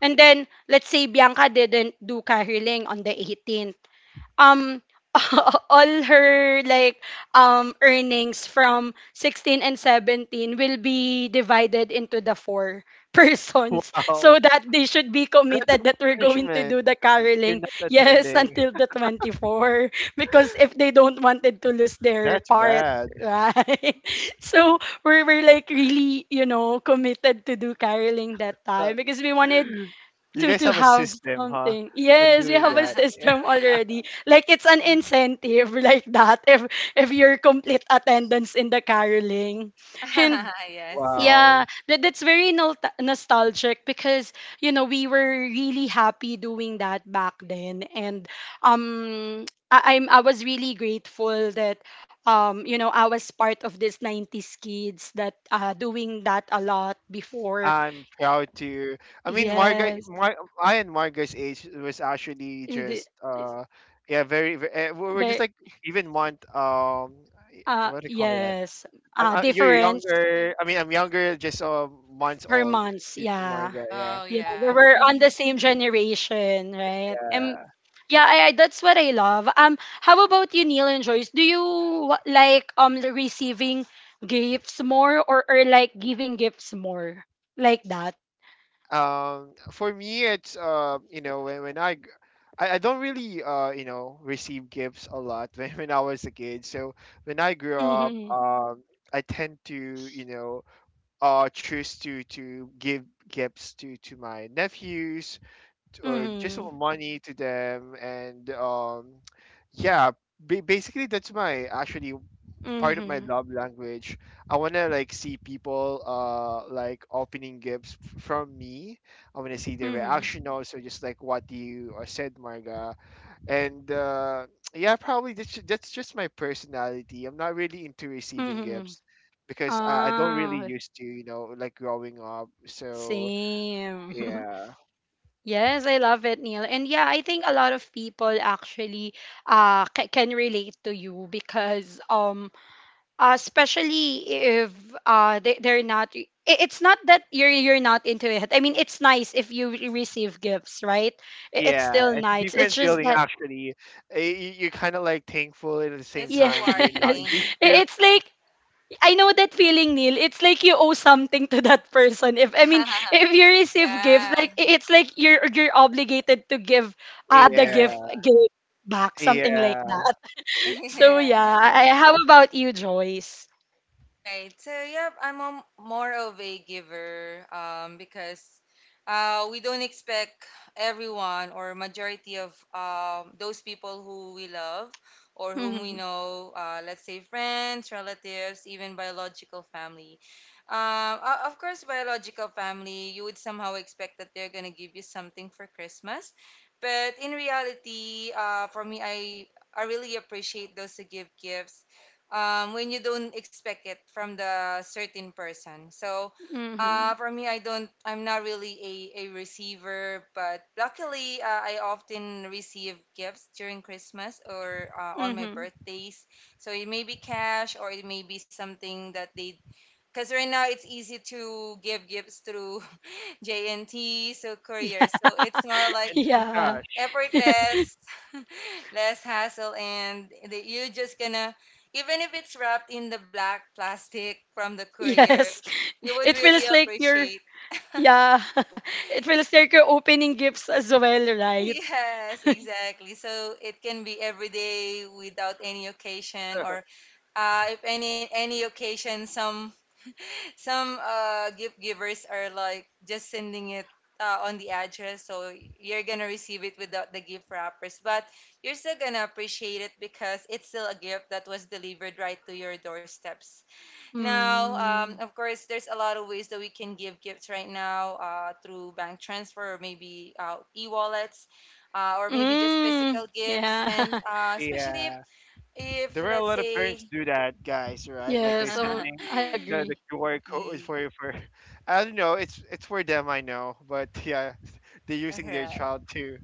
Speaker 1: And then let's say Bianca didn't do caroling on the 18th. um all her, like, earnings from 16 and 17 will be divided into the four persons, so
Speaker 3: Wow.
Speaker 1: that they should be
Speaker 3: That's a
Speaker 1: committed that we're going to
Speaker 3: punishment.
Speaker 1: do the
Speaker 3: We're
Speaker 1: caroling.
Speaker 3: not
Speaker 1: Yes,
Speaker 3: attending.
Speaker 1: until the 24, because if they don't wanted to lose their
Speaker 3: That's
Speaker 1: part,
Speaker 3: bad.
Speaker 1: right? So we were, like, really, you know, committed to do caroling that time, because we wanted
Speaker 3: You
Speaker 1: to
Speaker 3: guys
Speaker 1: to
Speaker 3: have a
Speaker 1: have
Speaker 3: system, huh?
Speaker 1: something.
Speaker 3: On
Speaker 1: Yes, we
Speaker 3: doing
Speaker 1: have a
Speaker 3: that.
Speaker 1: system already. Like, it's an incentive like that, if you're complete attendance in the caroling. And
Speaker 2: Yes.
Speaker 1: yeah,
Speaker 3: Wow.
Speaker 1: that's very nostalgic, because you know, we were really happy doing that back then. And I was really grateful that, you know, I was part of this 90s kids that doing that a lot before.
Speaker 3: I'm proud to. I mean, my guy,
Speaker 1: Yes.
Speaker 3: my I and my guy's age was actually
Speaker 1: It-
Speaker 3: just yeah, very. We were just
Speaker 1: But,
Speaker 3: like even month. Um, eh, what do you call that?
Speaker 1: Yes.
Speaker 3: You're
Speaker 1: Difference
Speaker 3: younger. I mean, I'm younger, just months
Speaker 1: per
Speaker 3: old.
Speaker 1: months.
Speaker 3: You to my
Speaker 1: Yeah.
Speaker 3: guy. Yeah,
Speaker 2: Oh
Speaker 1: Yeah.
Speaker 2: yeah.
Speaker 1: We were on the same generation, right?
Speaker 3: yeah.
Speaker 1: Yeah, that's what I love. How about you, Neil and Joyce? Do you like receiving gifts more, or like giving gifts more? Like that?
Speaker 3: For me, it's when I don't really receive gifts a lot when I was a kid. So when I grew up,
Speaker 1: Mm-hmm.
Speaker 3: I tend to you know choose to give gifts to my nephews, or just
Speaker 1: Mm-hmm.
Speaker 3: some money to them, and yeah, basically that's my actually part of my
Speaker 1: Mm-hmm.
Speaker 3: love language. I want to, like, see people like opening gifts from me. I want to see their
Speaker 1: Mm-hmm.
Speaker 3: reaction also, just like what you said, Marga. And yeah, probably that's just my personality. I'm not really into receiving
Speaker 1: Mm-hmm.
Speaker 3: gifts because I don't really
Speaker 1: Ah,
Speaker 3: used to, like growing up. So
Speaker 1: same.
Speaker 3: yeah,
Speaker 1: Yes, I love it, Neil. And yeah, I think a lot of people actually can relate to you, because especially if they they're not I- it's not that you're not into it. I mean, it's nice if you receive gifts, right? It's
Speaker 3: yeah,
Speaker 1: still
Speaker 3: it's a
Speaker 1: nice.
Speaker 3: different
Speaker 1: It's just
Speaker 3: feeling
Speaker 1: that,
Speaker 3: actually. You're kind of like thankful, and at the same
Speaker 2: It's
Speaker 1: yes.
Speaker 3: time, you're not used
Speaker 2: rewarding.
Speaker 3: to.
Speaker 1: It's like, I know that feeling, Neil. It's like you owe something to that person. If I mean, if you receive gifts,
Speaker 2: Yeah,
Speaker 1: like, it's like you're obligated to give, the
Speaker 2: correct.
Speaker 1: gift
Speaker 3: Yeah,
Speaker 1: gift back, something like
Speaker 3: yeah,
Speaker 1: that. So,
Speaker 2: Yeah.
Speaker 1: yeah. How about you, Joyce?
Speaker 2: All right. So yeah, I'm more of a giver, because we don't expect everyone or majority of those people who we love or whom we
Speaker 1: Mhm.
Speaker 2: know, let's say friends, relatives, even biological family. Of course, biological family, you would somehow expect that they're gonna give you something for Christmas, but in reality, for me, I really appreciate those who give gifts when you don't expect it from the certain person. So
Speaker 1: Mhm.
Speaker 2: for me, I don't. I'm not really a receiver, but luckily, I often receive gifts during Christmas or on my
Speaker 1: Mhm.
Speaker 2: birthdays. So it may be cash or it may be something that they. Because right now it's easy to give gifts through JNT, so
Speaker 1: Yeah,
Speaker 2: courier. So it's more like
Speaker 3: and
Speaker 1: yeah,
Speaker 3: gosh,
Speaker 2: effortless, less hassle, and that you just gonna, even if it's wrapped in the black plastic from the courier,
Speaker 1: yes.
Speaker 2: you would
Speaker 1: It
Speaker 2: really
Speaker 1: feels like you're.
Speaker 2: appreciate.
Speaker 1: Yeah. It feels like you're opening gifts as well, right?
Speaker 2: Yes, exactly. So it can be every day without any occasion, or if any occasion, some. Some gift givers are like just sending it on the address, so you're gonna receive it without the gift wrappers, but you're still gonna appreciate it because it's still a gift that was delivered right to your doorsteps. Now,
Speaker 1: Mm.
Speaker 2: of course, there's a lot of ways that we can give gifts right now, through bank transfer or maybe e-wallets. Or maybe just
Speaker 1: Mm.
Speaker 2: physical gifts.
Speaker 1: Yeah.
Speaker 2: And especially
Speaker 3: yeah.
Speaker 2: if
Speaker 3: There are a
Speaker 2: let's
Speaker 3: lot of parents
Speaker 2: say,
Speaker 3: do that, guys, right? Like
Speaker 1: Yes.
Speaker 3: they're
Speaker 1: So
Speaker 3: sending
Speaker 1: I
Speaker 3: the
Speaker 1: agree.
Speaker 3: QR code for I don't know, it's for them I know, but yeah, they're using their
Speaker 2: alright.
Speaker 3: child too.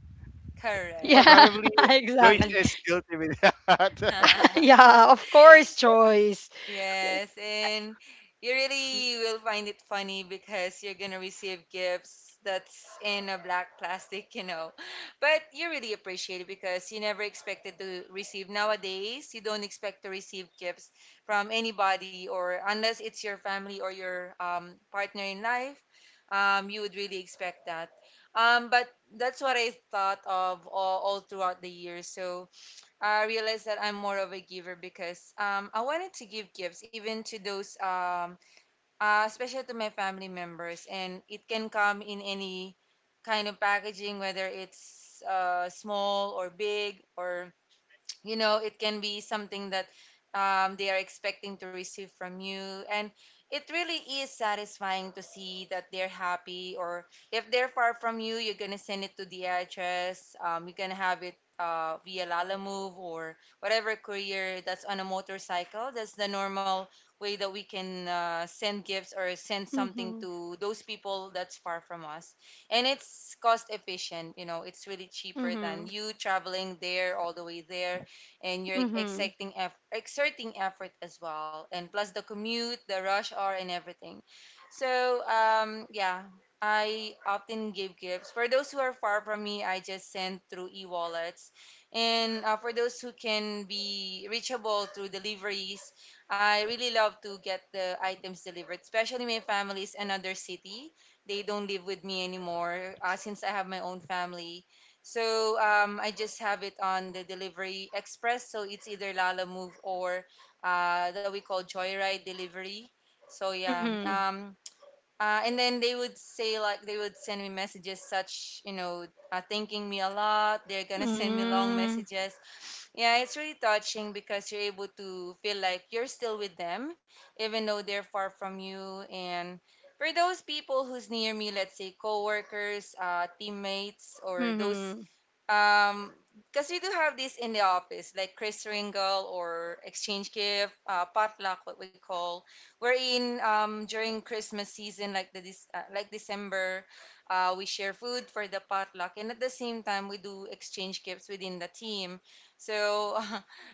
Speaker 2: Correct.
Speaker 1: Yeah,
Speaker 3: Probably Joyce
Speaker 1: exactly.
Speaker 3: is guilty with that.
Speaker 1: Yeah, of course, Joyce.
Speaker 2: Yes, and you really will find it funny because you're gonna receive gifts that's in a black plastic. But you really appreciate it because you never expected to receive. Nowadays, you don't expect to receive gifts from anybody, or unless it's your family or your partner in life, you would really expect that. But that's what I thought of all throughout the year. So I realized that I'm more of a giver because I wanted to give gifts even to those, especially to my family members. And it can come in any kind of packaging, whether it's small or big or you know it can be something that they are expecting to receive from you and it really is satisfying to see that they're happy, or if they're far from you, you're gonna send it to the address. You can have it via Lalamove or whatever courier that's on a motorcycle. That's the normal way that we can send gifts or send something
Speaker 1: Mm-hmm.
Speaker 2: to those people that's far from us. And it's cost efficient, you know, it's really cheaper than
Speaker 1: Mm-hmm.
Speaker 2: you traveling there all the way there, and you're
Speaker 1: Mm-hmm.
Speaker 2: exerting effort as well, and plus the commute, the rush hour, and everything. So yeah, I often give gifts for those who are far from me. I just send through e-wallets, and for those who can be reachable through deliveries, I really love to get the items delivered. Especially my family is another city. They don't live with me anymore since I have my own family. So I just have it on the delivery express. So it's either Lala Move or that we call Joyride delivery. So yeah.
Speaker 1: Mm-hmm.
Speaker 2: And then they would say, like, they would send me messages such you know thanking me a lot. They're gonna send me long
Speaker 1: Mm-hmm.
Speaker 2: messages. Yeah, it's really touching because you're able to feel like you're still with them even though they're far from you. And for those people who's near me, let's say coworkers, teammates, or those
Speaker 1: Mm-hmm.
Speaker 2: um, because we do have this in the office, like Chris Ringle or exchange gift, potluck, what we call. We're in During Christmas season, like the this like December, we share food for the potluck, and at the same time we do exchange gifts within the team. So,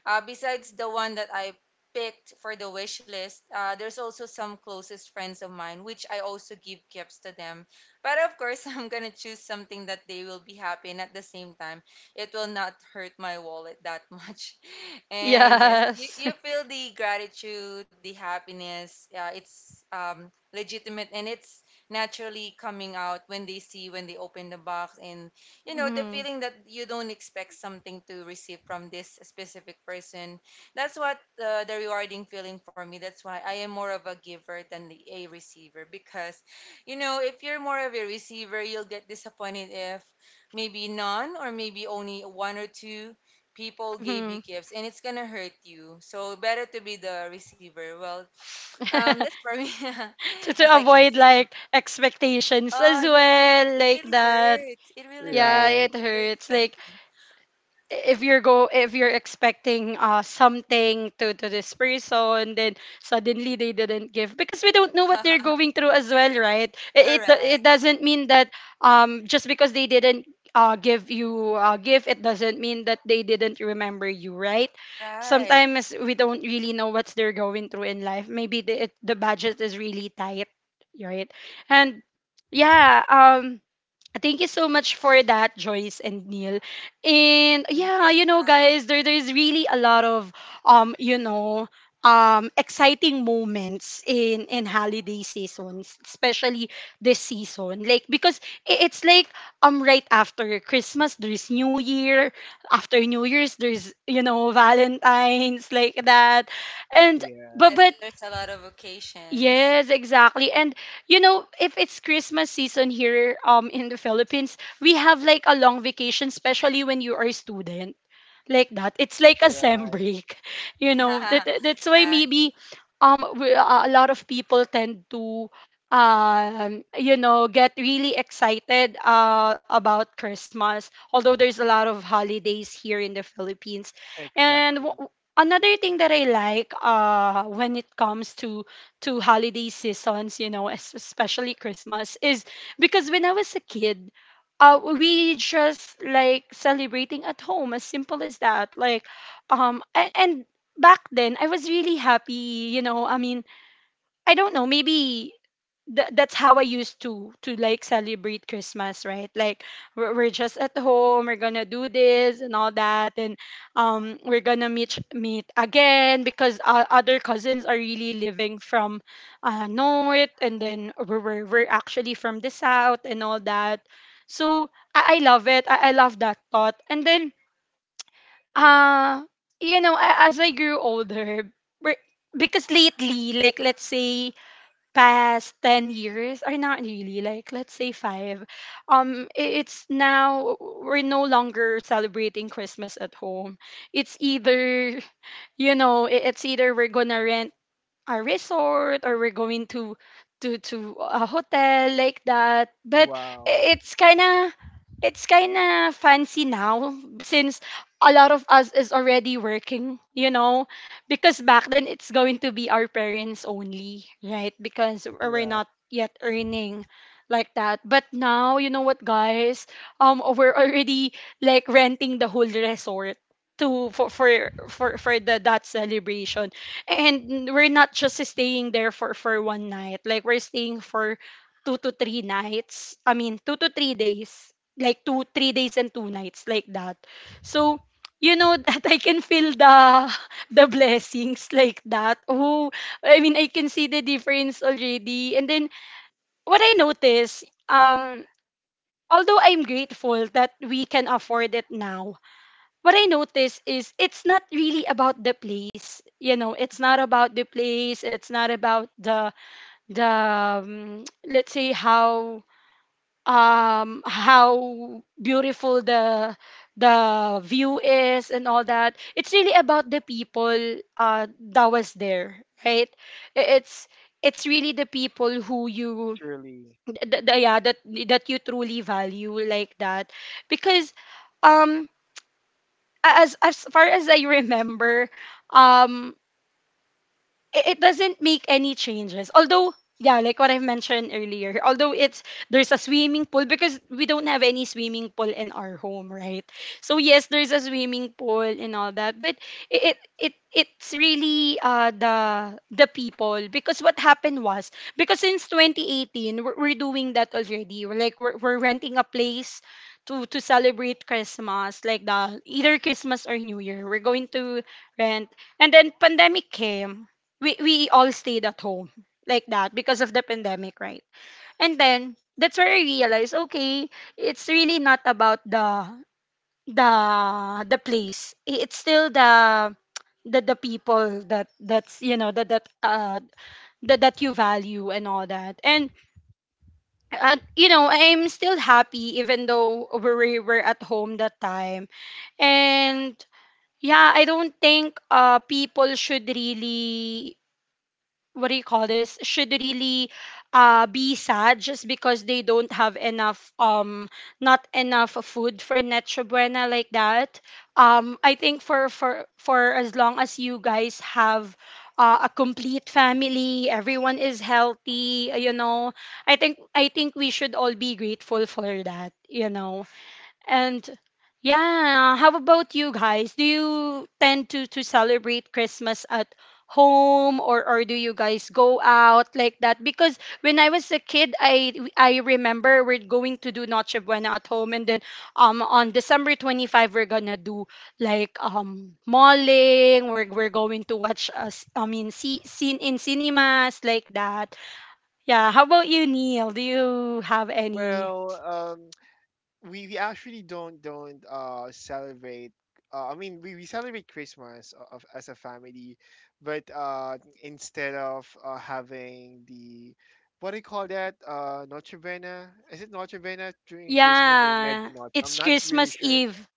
Speaker 2: besides the one that I picked for the wish list, there's also some closest friends of mine, which I also give gifts to them, but of course, I'm gonna choose something that they will be happy, and at the same time, it will not hurt my wallet that much. And yes, you,
Speaker 1: Yes.
Speaker 2: you feel the gratitude, the happiness. Yeah, it's legitimate and it's naturally coming out when they see, when they open the box, and you know the
Speaker 1: Mm-hmm.
Speaker 2: feeling that you don't expect something to receive from this specific person. That's what, the rewarding feeling for me, that's why I am more of a giver than a receiver, because you know, if you're more of a receiver, you'll get disappointed if maybe none or maybe only one or two people gave you
Speaker 1: Mm-hmm.
Speaker 2: gifts, and it's gonna hurt you. So better to be the receiver. Well, that's for me,
Speaker 1: to,
Speaker 2: as
Speaker 1: to
Speaker 2: I can
Speaker 1: avoid,
Speaker 2: say.
Speaker 1: like, expectations
Speaker 2: Oh,
Speaker 1: as
Speaker 2: yes,
Speaker 1: well,
Speaker 2: it
Speaker 1: like
Speaker 2: really
Speaker 1: that.
Speaker 2: hurts. It really
Speaker 1: Yeah,
Speaker 2: hurts
Speaker 3: Right.
Speaker 1: it
Speaker 2: if you're
Speaker 1: hurts. Like,
Speaker 2: expecting.
Speaker 1: if you're expecting something to this person, then suddenly they didn't give, because we don't know what they're going through as well, right? it it,
Speaker 2: Correct.
Speaker 1: it doesn't mean that, just because they didn't give you a gift, it doesn't mean that they didn't remember you, right?
Speaker 2: Right.
Speaker 1: Sometimes we don't really know what they're going through in life. Maybe the budget is really tight, right. And yeah, thank you so much for that, Joyce and Neil. And
Speaker 2: Thank you.
Speaker 1: yeah,
Speaker 2: Yes.
Speaker 1: you know, guys, there's really a lot of um, you know, exciting moments in holiday seasons, especially this season. Like, because it's like, right after Christmas, there's New Year. After New Year's, there's, you know, Valentine's, like that, and.
Speaker 3: Yeah.
Speaker 2: Yes,
Speaker 1: But
Speaker 2: there's a lot of occasions.
Speaker 1: Yes, exactly. And, you know, if it's Christmas season here in the Philippines, we have like a long vacation, especially when you are a student, like that. It's like a sem
Speaker 3: Right.
Speaker 1: break, you know. That that- that's why
Speaker 2: Yeah. Right.
Speaker 1: maybe, a lot of people tend to, get really excited about Christmas. Although there's a lot of holidays here in the Philippines, and.
Speaker 3: Exactly.
Speaker 1: Another thing that I like, when it comes to holiday seasons, you know, especially Christmas, is because when I was a kid, we just like celebrating at home, as simple as that, like, and back then I was really happy, you know, I mean, I don't know, maybe that's how I used to like celebrate Christmas, right? Like, we're just at home, we're gonna do this and all that, and, we're gonna meet again, because, other cousins are really living from, north, and then we're actually from the south and all that. So I love it. I love that thought, and then, uh, you know, as I grew older, we're- because lately, like, let's say, past 10 years, or not really, like, let's say 5. It's now we're no longer celebrating Christmas at home. It's either, you know, it's either we're gonna rent a resort, or we're going to to a hotel, like that, but.
Speaker 3: Wow.
Speaker 1: It's kind of, it's kind of fancy now, since a lot of us is already working, you know, because back then it's going to be our parents only, right? Because we're
Speaker 3: Right.
Speaker 1: not yet earning, like that. But now, you know what, guys, we're already like renting the whole resort, to for the that celebration. And we're not just staying there for one night, like we're staying for 2 to 3 nights, I mean 2 to 3 days, like 2-3 days and 2 nights, like that. So, you know, that I can feel the blessings, like that. Oh, I mean, I can see the difference already. And then what I notice, although I'm grateful that we can afford it now, what I notice is it's not really about the place. You know, it's not about the place. It's not about the let's say how, how beautiful the view is, and all that. It's really about the people that was there, right? I- It's it's really the people who you,
Speaker 3: Truly.
Speaker 1: yeah, that you truly value, like that, because, um as far as I remember, um, it doesn't make any changes. Although, yeah, like what I've mentioned earlier, although it's there's a swimming pool because we don't have any swimming pool in our home, right? So yes, there's a swimming pool and all that, but it's really the people, because what happened was, because since 2018, we're doing that already. We're renting a place to celebrate Christmas, like the either Christmas or New Year. We're going to rent, and then pandemic came. We all stayed at home, like that, because of the pandemic, right? And then that's where I realized, okay, it's really not about the the place. It's still the people that's, you know, that you value, and all that. And, you know, I'm still happy, even though we were at home that time. And yeah, I don't think, people should really, what do you call this, should really, be sad just because they don't have enough, not enough food for Necho Buena, like that. I think, for as long as you guys have, a complete family, everyone is healthy. You know, I think we should all be grateful for that, you know. And yeah, how about you guys? Do you tend to celebrate Christmas at home, or do you guys go out, like that? Because when I was a kid, I remember we're going to do Noche Buena at home, and then, on December 25 we're gonna do, like, malling, we're going to watch us, I mean, see scene in cinemas, like that. Yeah, how about you, Neil? Do you have any?
Speaker 3: Well, we actually don't celebrate. I mean we celebrate Christmas as a family, but instead of having the, what do you call that, Noche Buena, is it Noche Buena during Christmas or
Speaker 1: Yeah,
Speaker 3: Imagine Noche, I'm
Speaker 1: it's
Speaker 3: not really
Speaker 1: Christmas
Speaker 3: sure.
Speaker 1: Eve.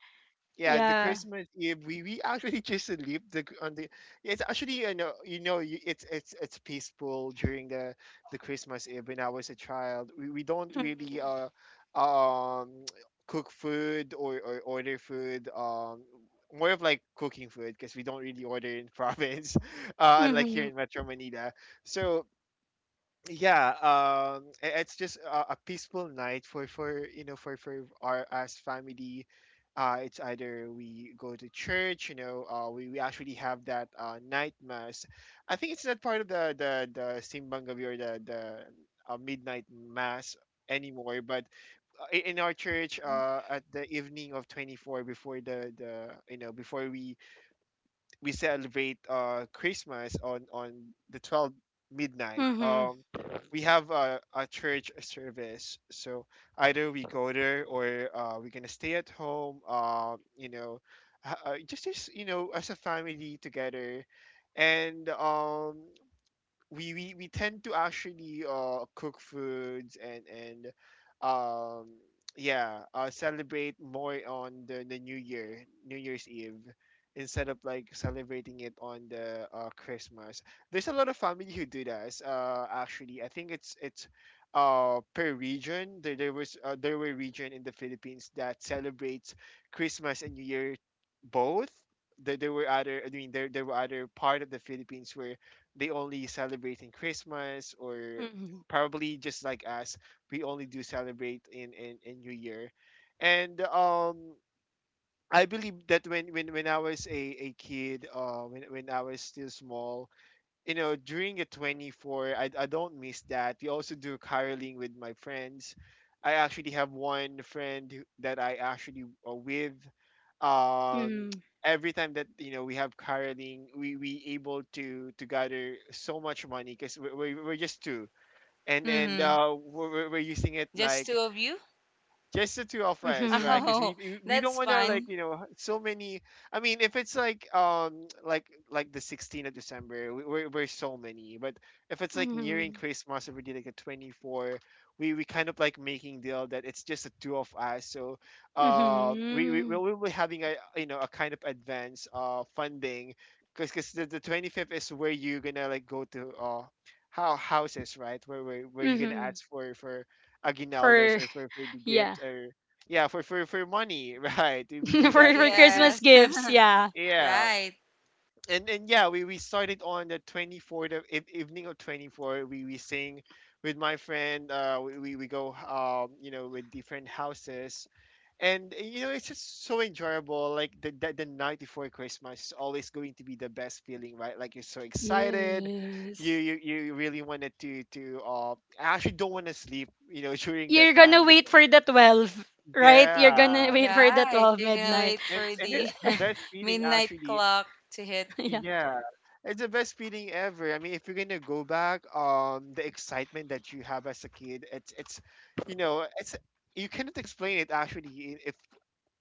Speaker 3: Yeah, the
Speaker 1: Yeah.
Speaker 3: Christmas Eve, we actually just sleep the, on the. It's actually, you know, you know, you, it's peaceful during the Christmas Eve. When I was a child, we don't really
Speaker 1: Mm-hmm.
Speaker 3: um cook food, or order food, more of like cooking food, because we don't really order in province unlike here in
Speaker 1: Mm-hmm.
Speaker 3: Metro Manila. So yeah, it's just a peaceful night for you know for our as family. It's either we go to church, we actually have that night mass. I think it's not part of the simbang gabi or the midnight mass anymore, but in our church, at the evening of 24, before the before we celebrate Christmas on the 12 midnight.
Speaker 1: Mm-hmm.
Speaker 3: We have a church service, so either we go there, or we're gonna stay at home. Just, as a family together, and we tend to actually cook foods, and um yeah, celebrate more on the new year's eve, instead of like celebrating it on the, Christmas. There's a lot of family who do that. Actually, I think it's per region. There was there were region in the Philippines that celebrates Christmas and New Year both. There were other, I mean, there were other part of the Philippines where they only celebrate in Christmas, or
Speaker 1: Mm-hmm.
Speaker 3: probably just like us, we only do celebrate in New Year. And I believe that, when I was a kid, when I was still small, you know, during the 24, I don't miss that. We also do caroling with my friends. I actually have one friend that I actually with. Um, every time that, we have caroling, we able to gather so much money because we're just two, and
Speaker 2: Mm-hmm.
Speaker 3: we're using it
Speaker 2: Just
Speaker 3: like
Speaker 2: two of you?
Speaker 3: just the two of us, right?
Speaker 1: Mm-hmm.
Speaker 3: Because
Speaker 2: Oh,
Speaker 3: we don't
Speaker 2: that's
Speaker 3: want to, like,
Speaker 2: fun.
Speaker 3: so many. I mean, if it's like, like the 16th of December, we're so many. But if it's like nearing Christmas, or we did like a 24, we kind of like making deal that it's just the two of us, so we
Speaker 1: Mm-hmm.
Speaker 3: will be having, a you know, a kind of advance funding, because the 25th is where you're gonna like go to how houses, right? Where where you're gonna
Speaker 1: Mm-hmm.
Speaker 3: ask for aguinaldos
Speaker 1: For,
Speaker 3: or for the
Speaker 1: yeah,
Speaker 3: gifts, or yeah, for money right? We do that as
Speaker 1: for
Speaker 3: a kid.
Speaker 1: Christmas
Speaker 2: Yes.
Speaker 1: gifts, yeah.
Speaker 3: Yeah.
Speaker 2: Right.
Speaker 3: And yeah, we started on the 24th of, evening of 24, we sing with my friend. We go, with different houses. And you know, it's just so enjoyable. Like, the night before Christmas is always going to be the best feeling, right? Like, you're so excited.
Speaker 1: Yes.
Speaker 3: You really wanted to I actually don't want to sleep, during that
Speaker 1: You're gonna
Speaker 3: time
Speaker 1: wait
Speaker 3: because
Speaker 1: for the 12, right? You're gonna
Speaker 3: yeah.
Speaker 1: wait for the
Speaker 2: Right.
Speaker 1: 12
Speaker 2: You're gonna
Speaker 1: midnight.
Speaker 2: wait
Speaker 3: And
Speaker 2: for the
Speaker 3: it's the best feeling
Speaker 2: midnight
Speaker 3: actually.
Speaker 2: clock to hit.
Speaker 1: yeah.
Speaker 3: Yeah. It's the best feeling ever. I mean, if you're gonna go back, the excitement that you have as a kid, it's you cannot explain it actually. If,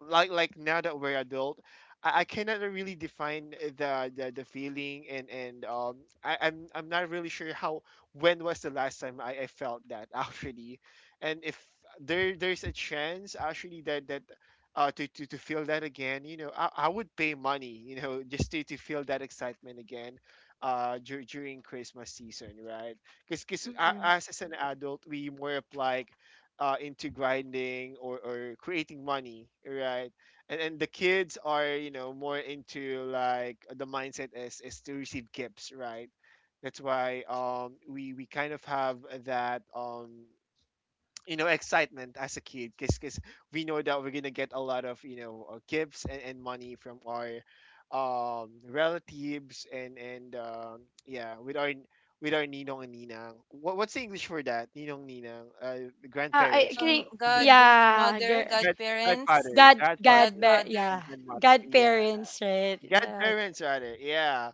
Speaker 3: like now that we're adult, I cannot really define the feeling, and I'm not really sure how, when was the last time I felt that actually. And if there's a chance actually, that, to feel that again. You know, I would pay money, just to feel that excitement again, during Christmas season, right? Because
Speaker 1: Mm.
Speaker 3: as an adult, we more of like, into grinding, or creating money, right? And the kids are, you know, more into like the mindset is to receive gifts, right? That's why, we kind of have that. You know, excitement as a kid because we know that we're gonna get a lot of, gifts, and money from our relatives, and yeah, with our, with our ninong and ninang, what's the English for that, ninong ninang,
Speaker 1: I
Speaker 3: grandparents, right?
Speaker 1: think,
Speaker 3: Gra-
Speaker 1: yeah,
Speaker 2: Godmother,
Speaker 3: grad-
Speaker 2: godparents,
Speaker 3: grandfather
Speaker 2: godfather.
Speaker 3: and
Speaker 1: Yeah.
Speaker 3: grandmother, yeah.
Speaker 1: Godparents, right?
Speaker 3: Godparents rather. Yeah.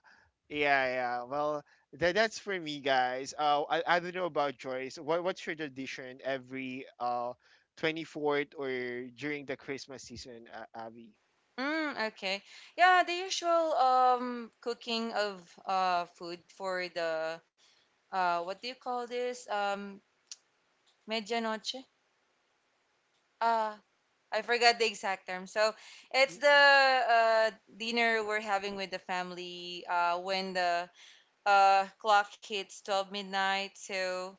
Speaker 3: Yeah, yeah. Well, that's for me, guys. I don't know about Joyce. What's your tradition every, 24th, or during the Christmas season, Abby?
Speaker 2: Mm, okay. Yeah, the usual cooking of food for the uh, what do you call this? Medianoche. Uh, I forgot the exact term. So it's
Speaker 3: Mm.
Speaker 2: the dinner we're having with the family when the clock hits 12 midnight. So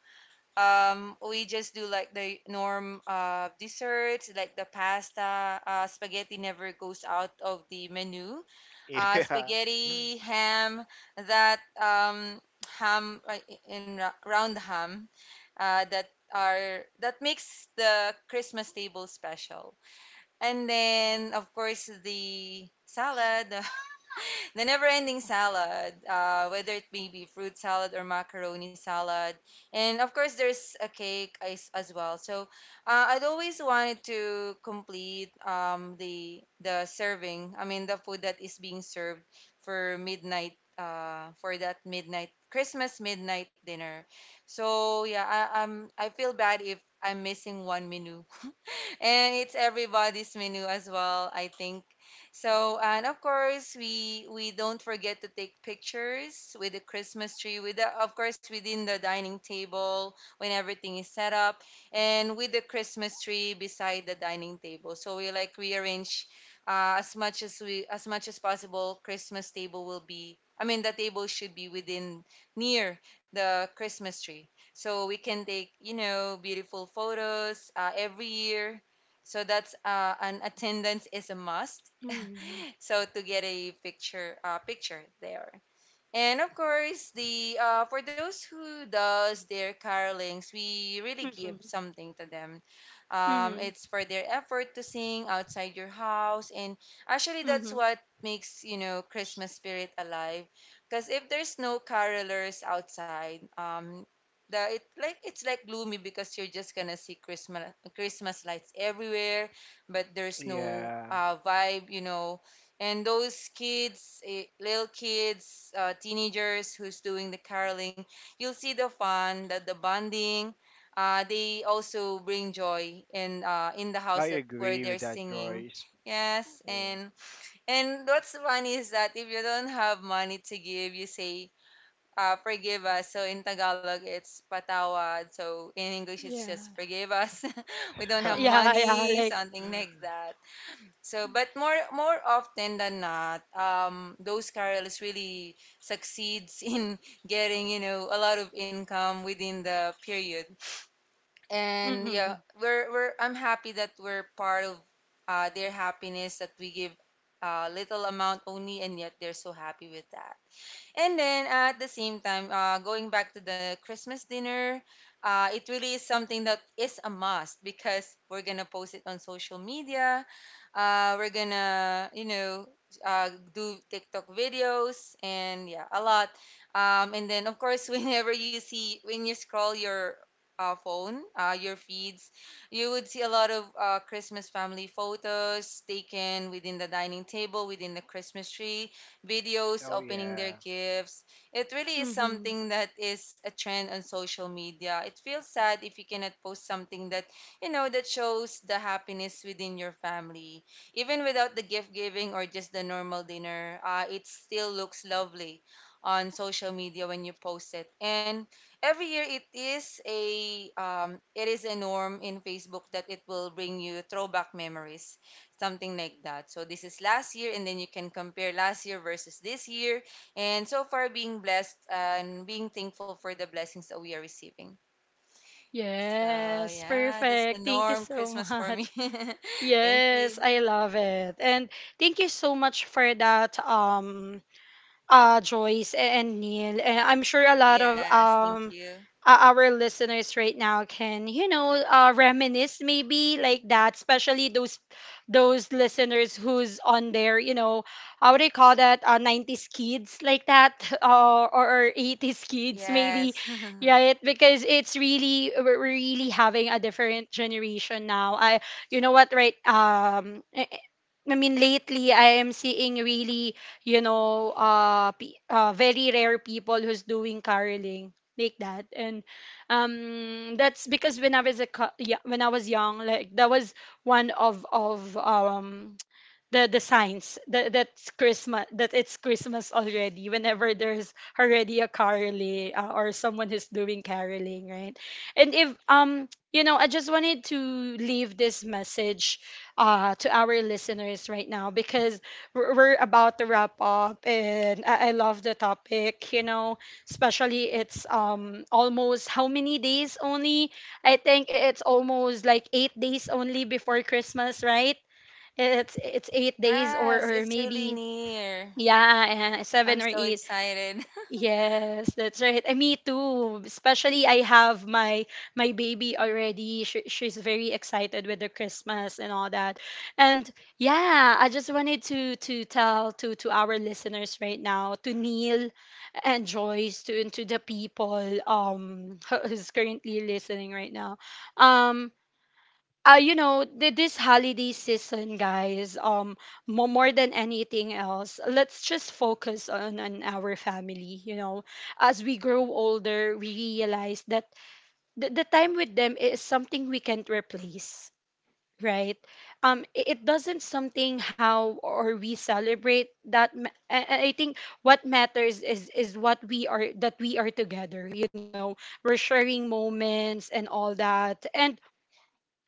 Speaker 2: we just do like the norm desserts, like the pasta, spaghetti never goes out of the menu,
Speaker 3: Yeah.
Speaker 2: spaghetti, ham, that ham, like, round ham that are, that makes the Christmas table special. And then of course the salad, the never-ending salad, whether it may be fruit salad or macaroni salad, and of course there's a cake as well. So I'd always wanted to complete the serving. I mean the food that is being served for midnight, for that midnight Christmas midnight dinner. So yeah, I, I'm I feel bad if I'm missing one menu and it's everybody's menu as well, I think. So, and of course, we don't forget to take pictures with the Christmas tree, with the, of course within the dining table when everything is set up, and with the Christmas tree beside the dining table. So we like rearrange, as much as we, as much as possible. Christmas table will be, I mean, the table should be within near the Christmas tree, so we can take you know beautiful photos every year. So that's an attendance is a must
Speaker 1: Mhm.
Speaker 2: so to get a picture, picture there. And of course, the for those who does their carolings, we really give
Speaker 1: Mhm.
Speaker 2: something to them.
Speaker 1: Mhm.
Speaker 2: It's for their effort to sing outside your house, and actually
Speaker 1: Mhm.
Speaker 2: that's what makes you know Christmas spirit alive. Because if there's no carolers outside, the it like it's like gloomy because you're just gonna see Christmas lights everywhere, but there's no
Speaker 3: Yeah.
Speaker 2: vibe, you know. And those kids, eh, little kids, teenagers who's doing the caroling, you'll see the fun, the bonding. They also bring joy in the
Speaker 3: I
Speaker 2: house that where
Speaker 3: agree
Speaker 2: they're
Speaker 3: with that,
Speaker 2: singing.
Speaker 3: Joyce.
Speaker 2: Yes,
Speaker 3: Mm.
Speaker 2: and what's funny is that if you don't have money to give, you say forgive us, so in Tagalog it's patawad, so in English it's
Speaker 1: Yeah.
Speaker 2: just forgive us. We don't have
Speaker 1: Yeah, yeah,
Speaker 2: money,
Speaker 1: like
Speaker 2: something like that. So, but more often than not, those carols really succeeds in getting you know a lot of income within the period. And yeah,
Speaker 1: mhm.
Speaker 2: we're, I'm happy that we're part of their happiness, that we give a little amount only, and yet they're so happy with that. And then at the same time, going back to the Christmas dinner, it really is something that is a must, because we're gonna post it on social media. We're gonna, you know, do TikTok videos and yeah, a lot. And then of course, whenever you see when you scroll your phone, your feeds, you would see a lot of Christmas family photos taken within the dining table, within the Christmas tree, videos
Speaker 3: Oh,
Speaker 2: opening their
Speaker 3: yeah.
Speaker 2: gifts. It really is
Speaker 1: Mhm.
Speaker 2: something that is a trend on social media. It feels sad if you cannot post something that, you know, that shows the happiness within your family. Even without the gift giving or just the normal dinner, it still looks lovely on social media when you post it. And every year it is a it is a norm in Facebook that it will bring you throwback memories, something like that. So this is last year, and then you can compare last year versus this year. And so far, being blessed and being thankful for the blessings that we are receiving. So
Speaker 1: Yes,
Speaker 2: yeah, that's the
Speaker 1: perfect. Thank you
Speaker 2: norm
Speaker 1: so
Speaker 2: Christmas for me.
Speaker 1: much.
Speaker 2: Thank
Speaker 1: Yes,
Speaker 2: you.
Speaker 1: I love it. And thank you so much for that, Joyce and Neil. And I'm sure a lot of
Speaker 2: Yes, thank you.
Speaker 1: our listeners right now can, you know, reminisce maybe, like that, especially those listeners who's on their, you know, how would they call that? 90s kids, like that, or 80s kids
Speaker 2: Yes.
Speaker 1: maybe, right? Because it's really, we're really having a different generation now. I You know what, right, I mean, lately I am seeing really, you know, very rare people who's doing caroling, like that, and, that's because when I was a yeah, when I was young, like, that was one of, the signs that that's Christmas that it's Christmas already, whenever there's already a caroling, or someone who's doing caroling, right. And if, you know, I just wanted to leave this message, to our listeners right now, because we're about to wrap up, and I love the topic, you know, especially, it's almost, how many days only? I think it's almost like 8 days only before Christmas, right? It's 8 days,
Speaker 2: Yes,
Speaker 1: or
Speaker 2: it's really
Speaker 1: maybe,
Speaker 2: near.
Speaker 1: yeah,
Speaker 2: I'm
Speaker 1: seven or
Speaker 2: so
Speaker 1: eight.
Speaker 2: excited.
Speaker 1: Yes, that's right. And me too. Especially I have my baby already. She's very excited with the Christmas and all that. And yeah, I just wanted to tell to our listeners right now, to Neil and Joyce, to and to the people, who's currently listening right now. Um you know, this holiday season, guys, more than anything else, let's just focus on, our family. You know, as we grow older, we realize that the time with them is something we can't replace, right? It doesn't something how or we celebrate that. I think what matters is what we are, that we are together. You know, we're sharing moments and all that, and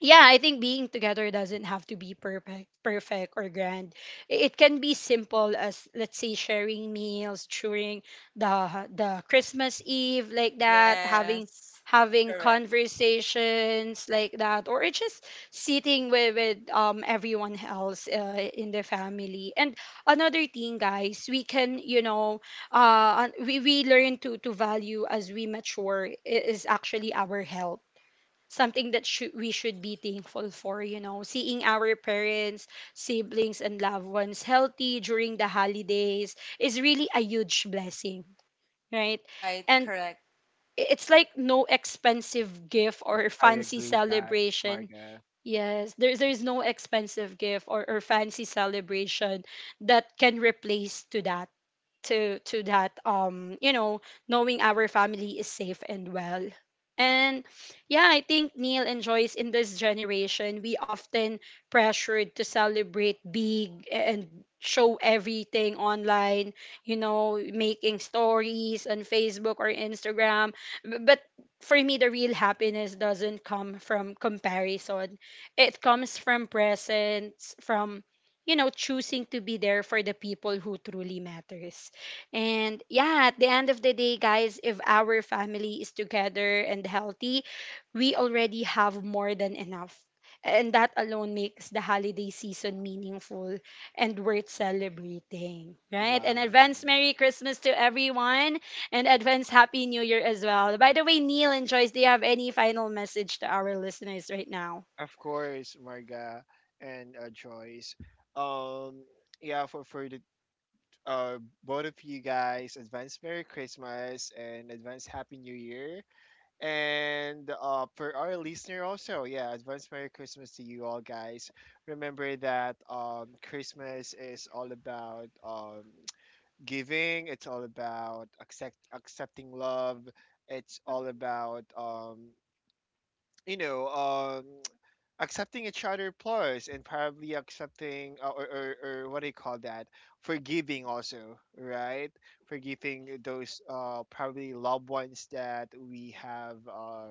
Speaker 1: yeah, I think being together doesn't have to be perfect, perfect or grand. It can be simple as, let's say, sharing meals during the Christmas Eve, like that,
Speaker 2: Yes.
Speaker 1: having
Speaker 2: Correct.
Speaker 1: conversations, like that, or it's just sitting with everyone else, in the family. And another thing, guys, we can, you know, we learn to value as we mature, is actually our health, something that, should we should be thankful for, you know, seeing our parents, siblings and loved ones healthy during the holidays is really a huge blessing, right.
Speaker 2: Right,
Speaker 1: And,
Speaker 2: correct.
Speaker 1: it's like no expensive gift or
Speaker 3: I
Speaker 1: fancy
Speaker 3: agree that,
Speaker 1: celebration.
Speaker 3: Marga.
Speaker 1: Yes, there's no expensive gift, or fancy celebration that can replace to that, to that, you know, knowing our family is safe and well. And yeah, I think, Neil and Joyce, in this generation we often pressured to celebrate big and show everything online, you know, making stories on Facebook or Instagram. But for me, the real happiness doesn't come from comparison. It comes from presence, from, you know, choosing to be there for the people who truly matters. And yeah, at the end of the day, guys, if our family is together and healthy, we already have more than enough. And that alone makes the holiday season meaningful and worth celebrating, right? And
Speaker 3: Wow.
Speaker 1: advance Merry Christmas to everyone, and advance Happy New Year as well. By the way, Neil and Joyce, do you have any final message to our listeners right now?
Speaker 3: Of course, Marga, and Joyce. Um, yeah, for the, uh, both of you guys, advance Merry Christmas and advance Happy New Year. And for our listener also, yeah, advance Merry Christmas to you all, guys. Remember that, Christmas is all about, giving. It's all about accepting love. It's all about, you know, um, accepting each other, plus, and probably accepting, or what do you call that? Forgiving also, right? Forgiving those, probably loved ones that we have Uh,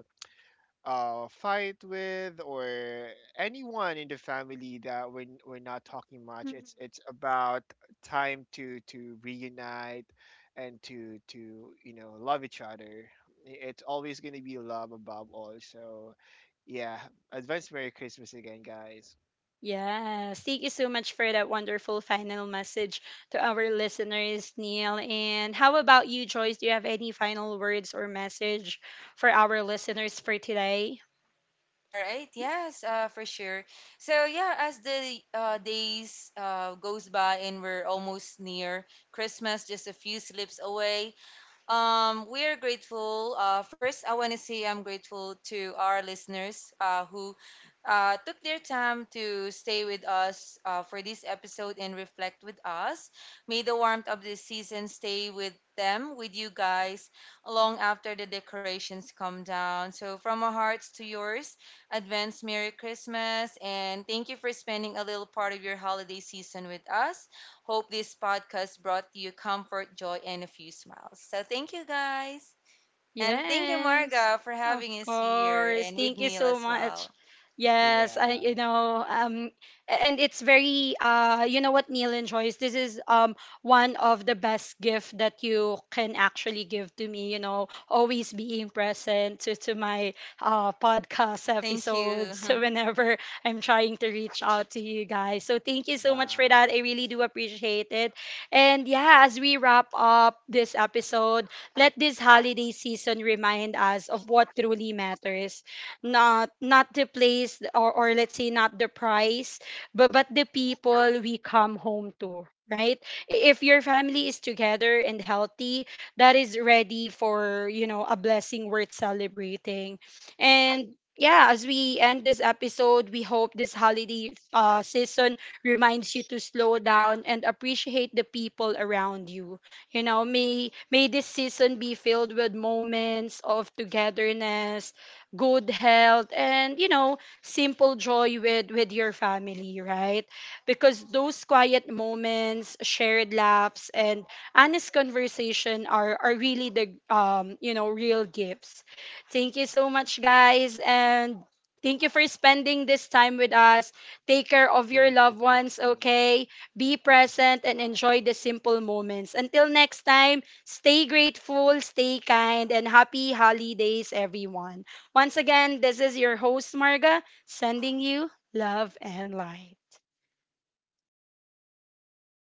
Speaker 3: uh, fight with, or anyone in the family that we're not talking much. It's about time to reunite, and to, love each other. It's always gonna be love above all. So yeah, advance Merry Christmas again, guys.
Speaker 1: Yes, thank you so much for that wonderful final message to our listeners, Neil. And how about you, Joyce? Do you have any final words or message for our listeners for today?
Speaker 2: All right. Yes, for sure. So yeah, as the days goes by and we're almost near Christmas, just a few slips away, we are grateful. First, I want to say I'm grateful to our listeners who took their time to stay with us for this episode and reflect with us. May the warmth of this season stay with them, with you guys, long after the decorations come down. So, from our hearts to yours, advance Merry Christmas, and thank you for spending a little part of your holiday season with us. Hope this podcast brought you comfort, joy, and a few smiles. So thank you guys. And thank you,
Speaker 1: Yes,
Speaker 2: Marga, for
Speaker 1: of
Speaker 2: having us here
Speaker 1: course.
Speaker 2: and
Speaker 1: Thank
Speaker 2: with
Speaker 1: you
Speaker 2: Neil
Speaker 1: so
Speaker 2: as
Speaker 1: much.
Speaker 2: well.
Speaker 1: Yes, I
Speaker 3: Yeah.
Speaker 1: you know, and it's very, you know what, Neil and Joyce, this is, one of the best gift that you can actually give to me, you know, always being present to my podcast
Speaker 2: Thank
Speaker 1: episodes,
Speaker 2: you.
Speaker 1: whenever I'm trying to reach out to you guys, so thank you so much
Speaker 3: Wow.
Speaker 1: for that, I really do appreciate it. And yeah, as we wrap up this episode, let this holiday season remind us of what truly matters. Not the place, or let's say not the price, but the people we come home to, right? If your family is together and healthy, that is ready for, you know, a blessing worth celebrating. And yeah, as we end this episode, we hope this holiday, season reminds you to slow down and appreciate the people around you. You know, may this season be filled with moments of togetherness, good health, and, you know, simple joy with your family, right? Because those quiet moments, shared laughs, and honest conversation are really the, you know, real gifts. Thank you so much, guys, and thank you for spending this time with us. Take care of
Speaker 3: Thank
Speaker 1: your
Speaker 3: you.
Speaker 1: loved
Speaker 3: Thank
Speaker 1: ones,
Speaker 3: you.
Speaker 1: okay? Be present and enjoy the simple moments. Until next time, stay grateful, stay kind, and happy holidays, everyone. Once again, this is your host, Marga, sending you love and light.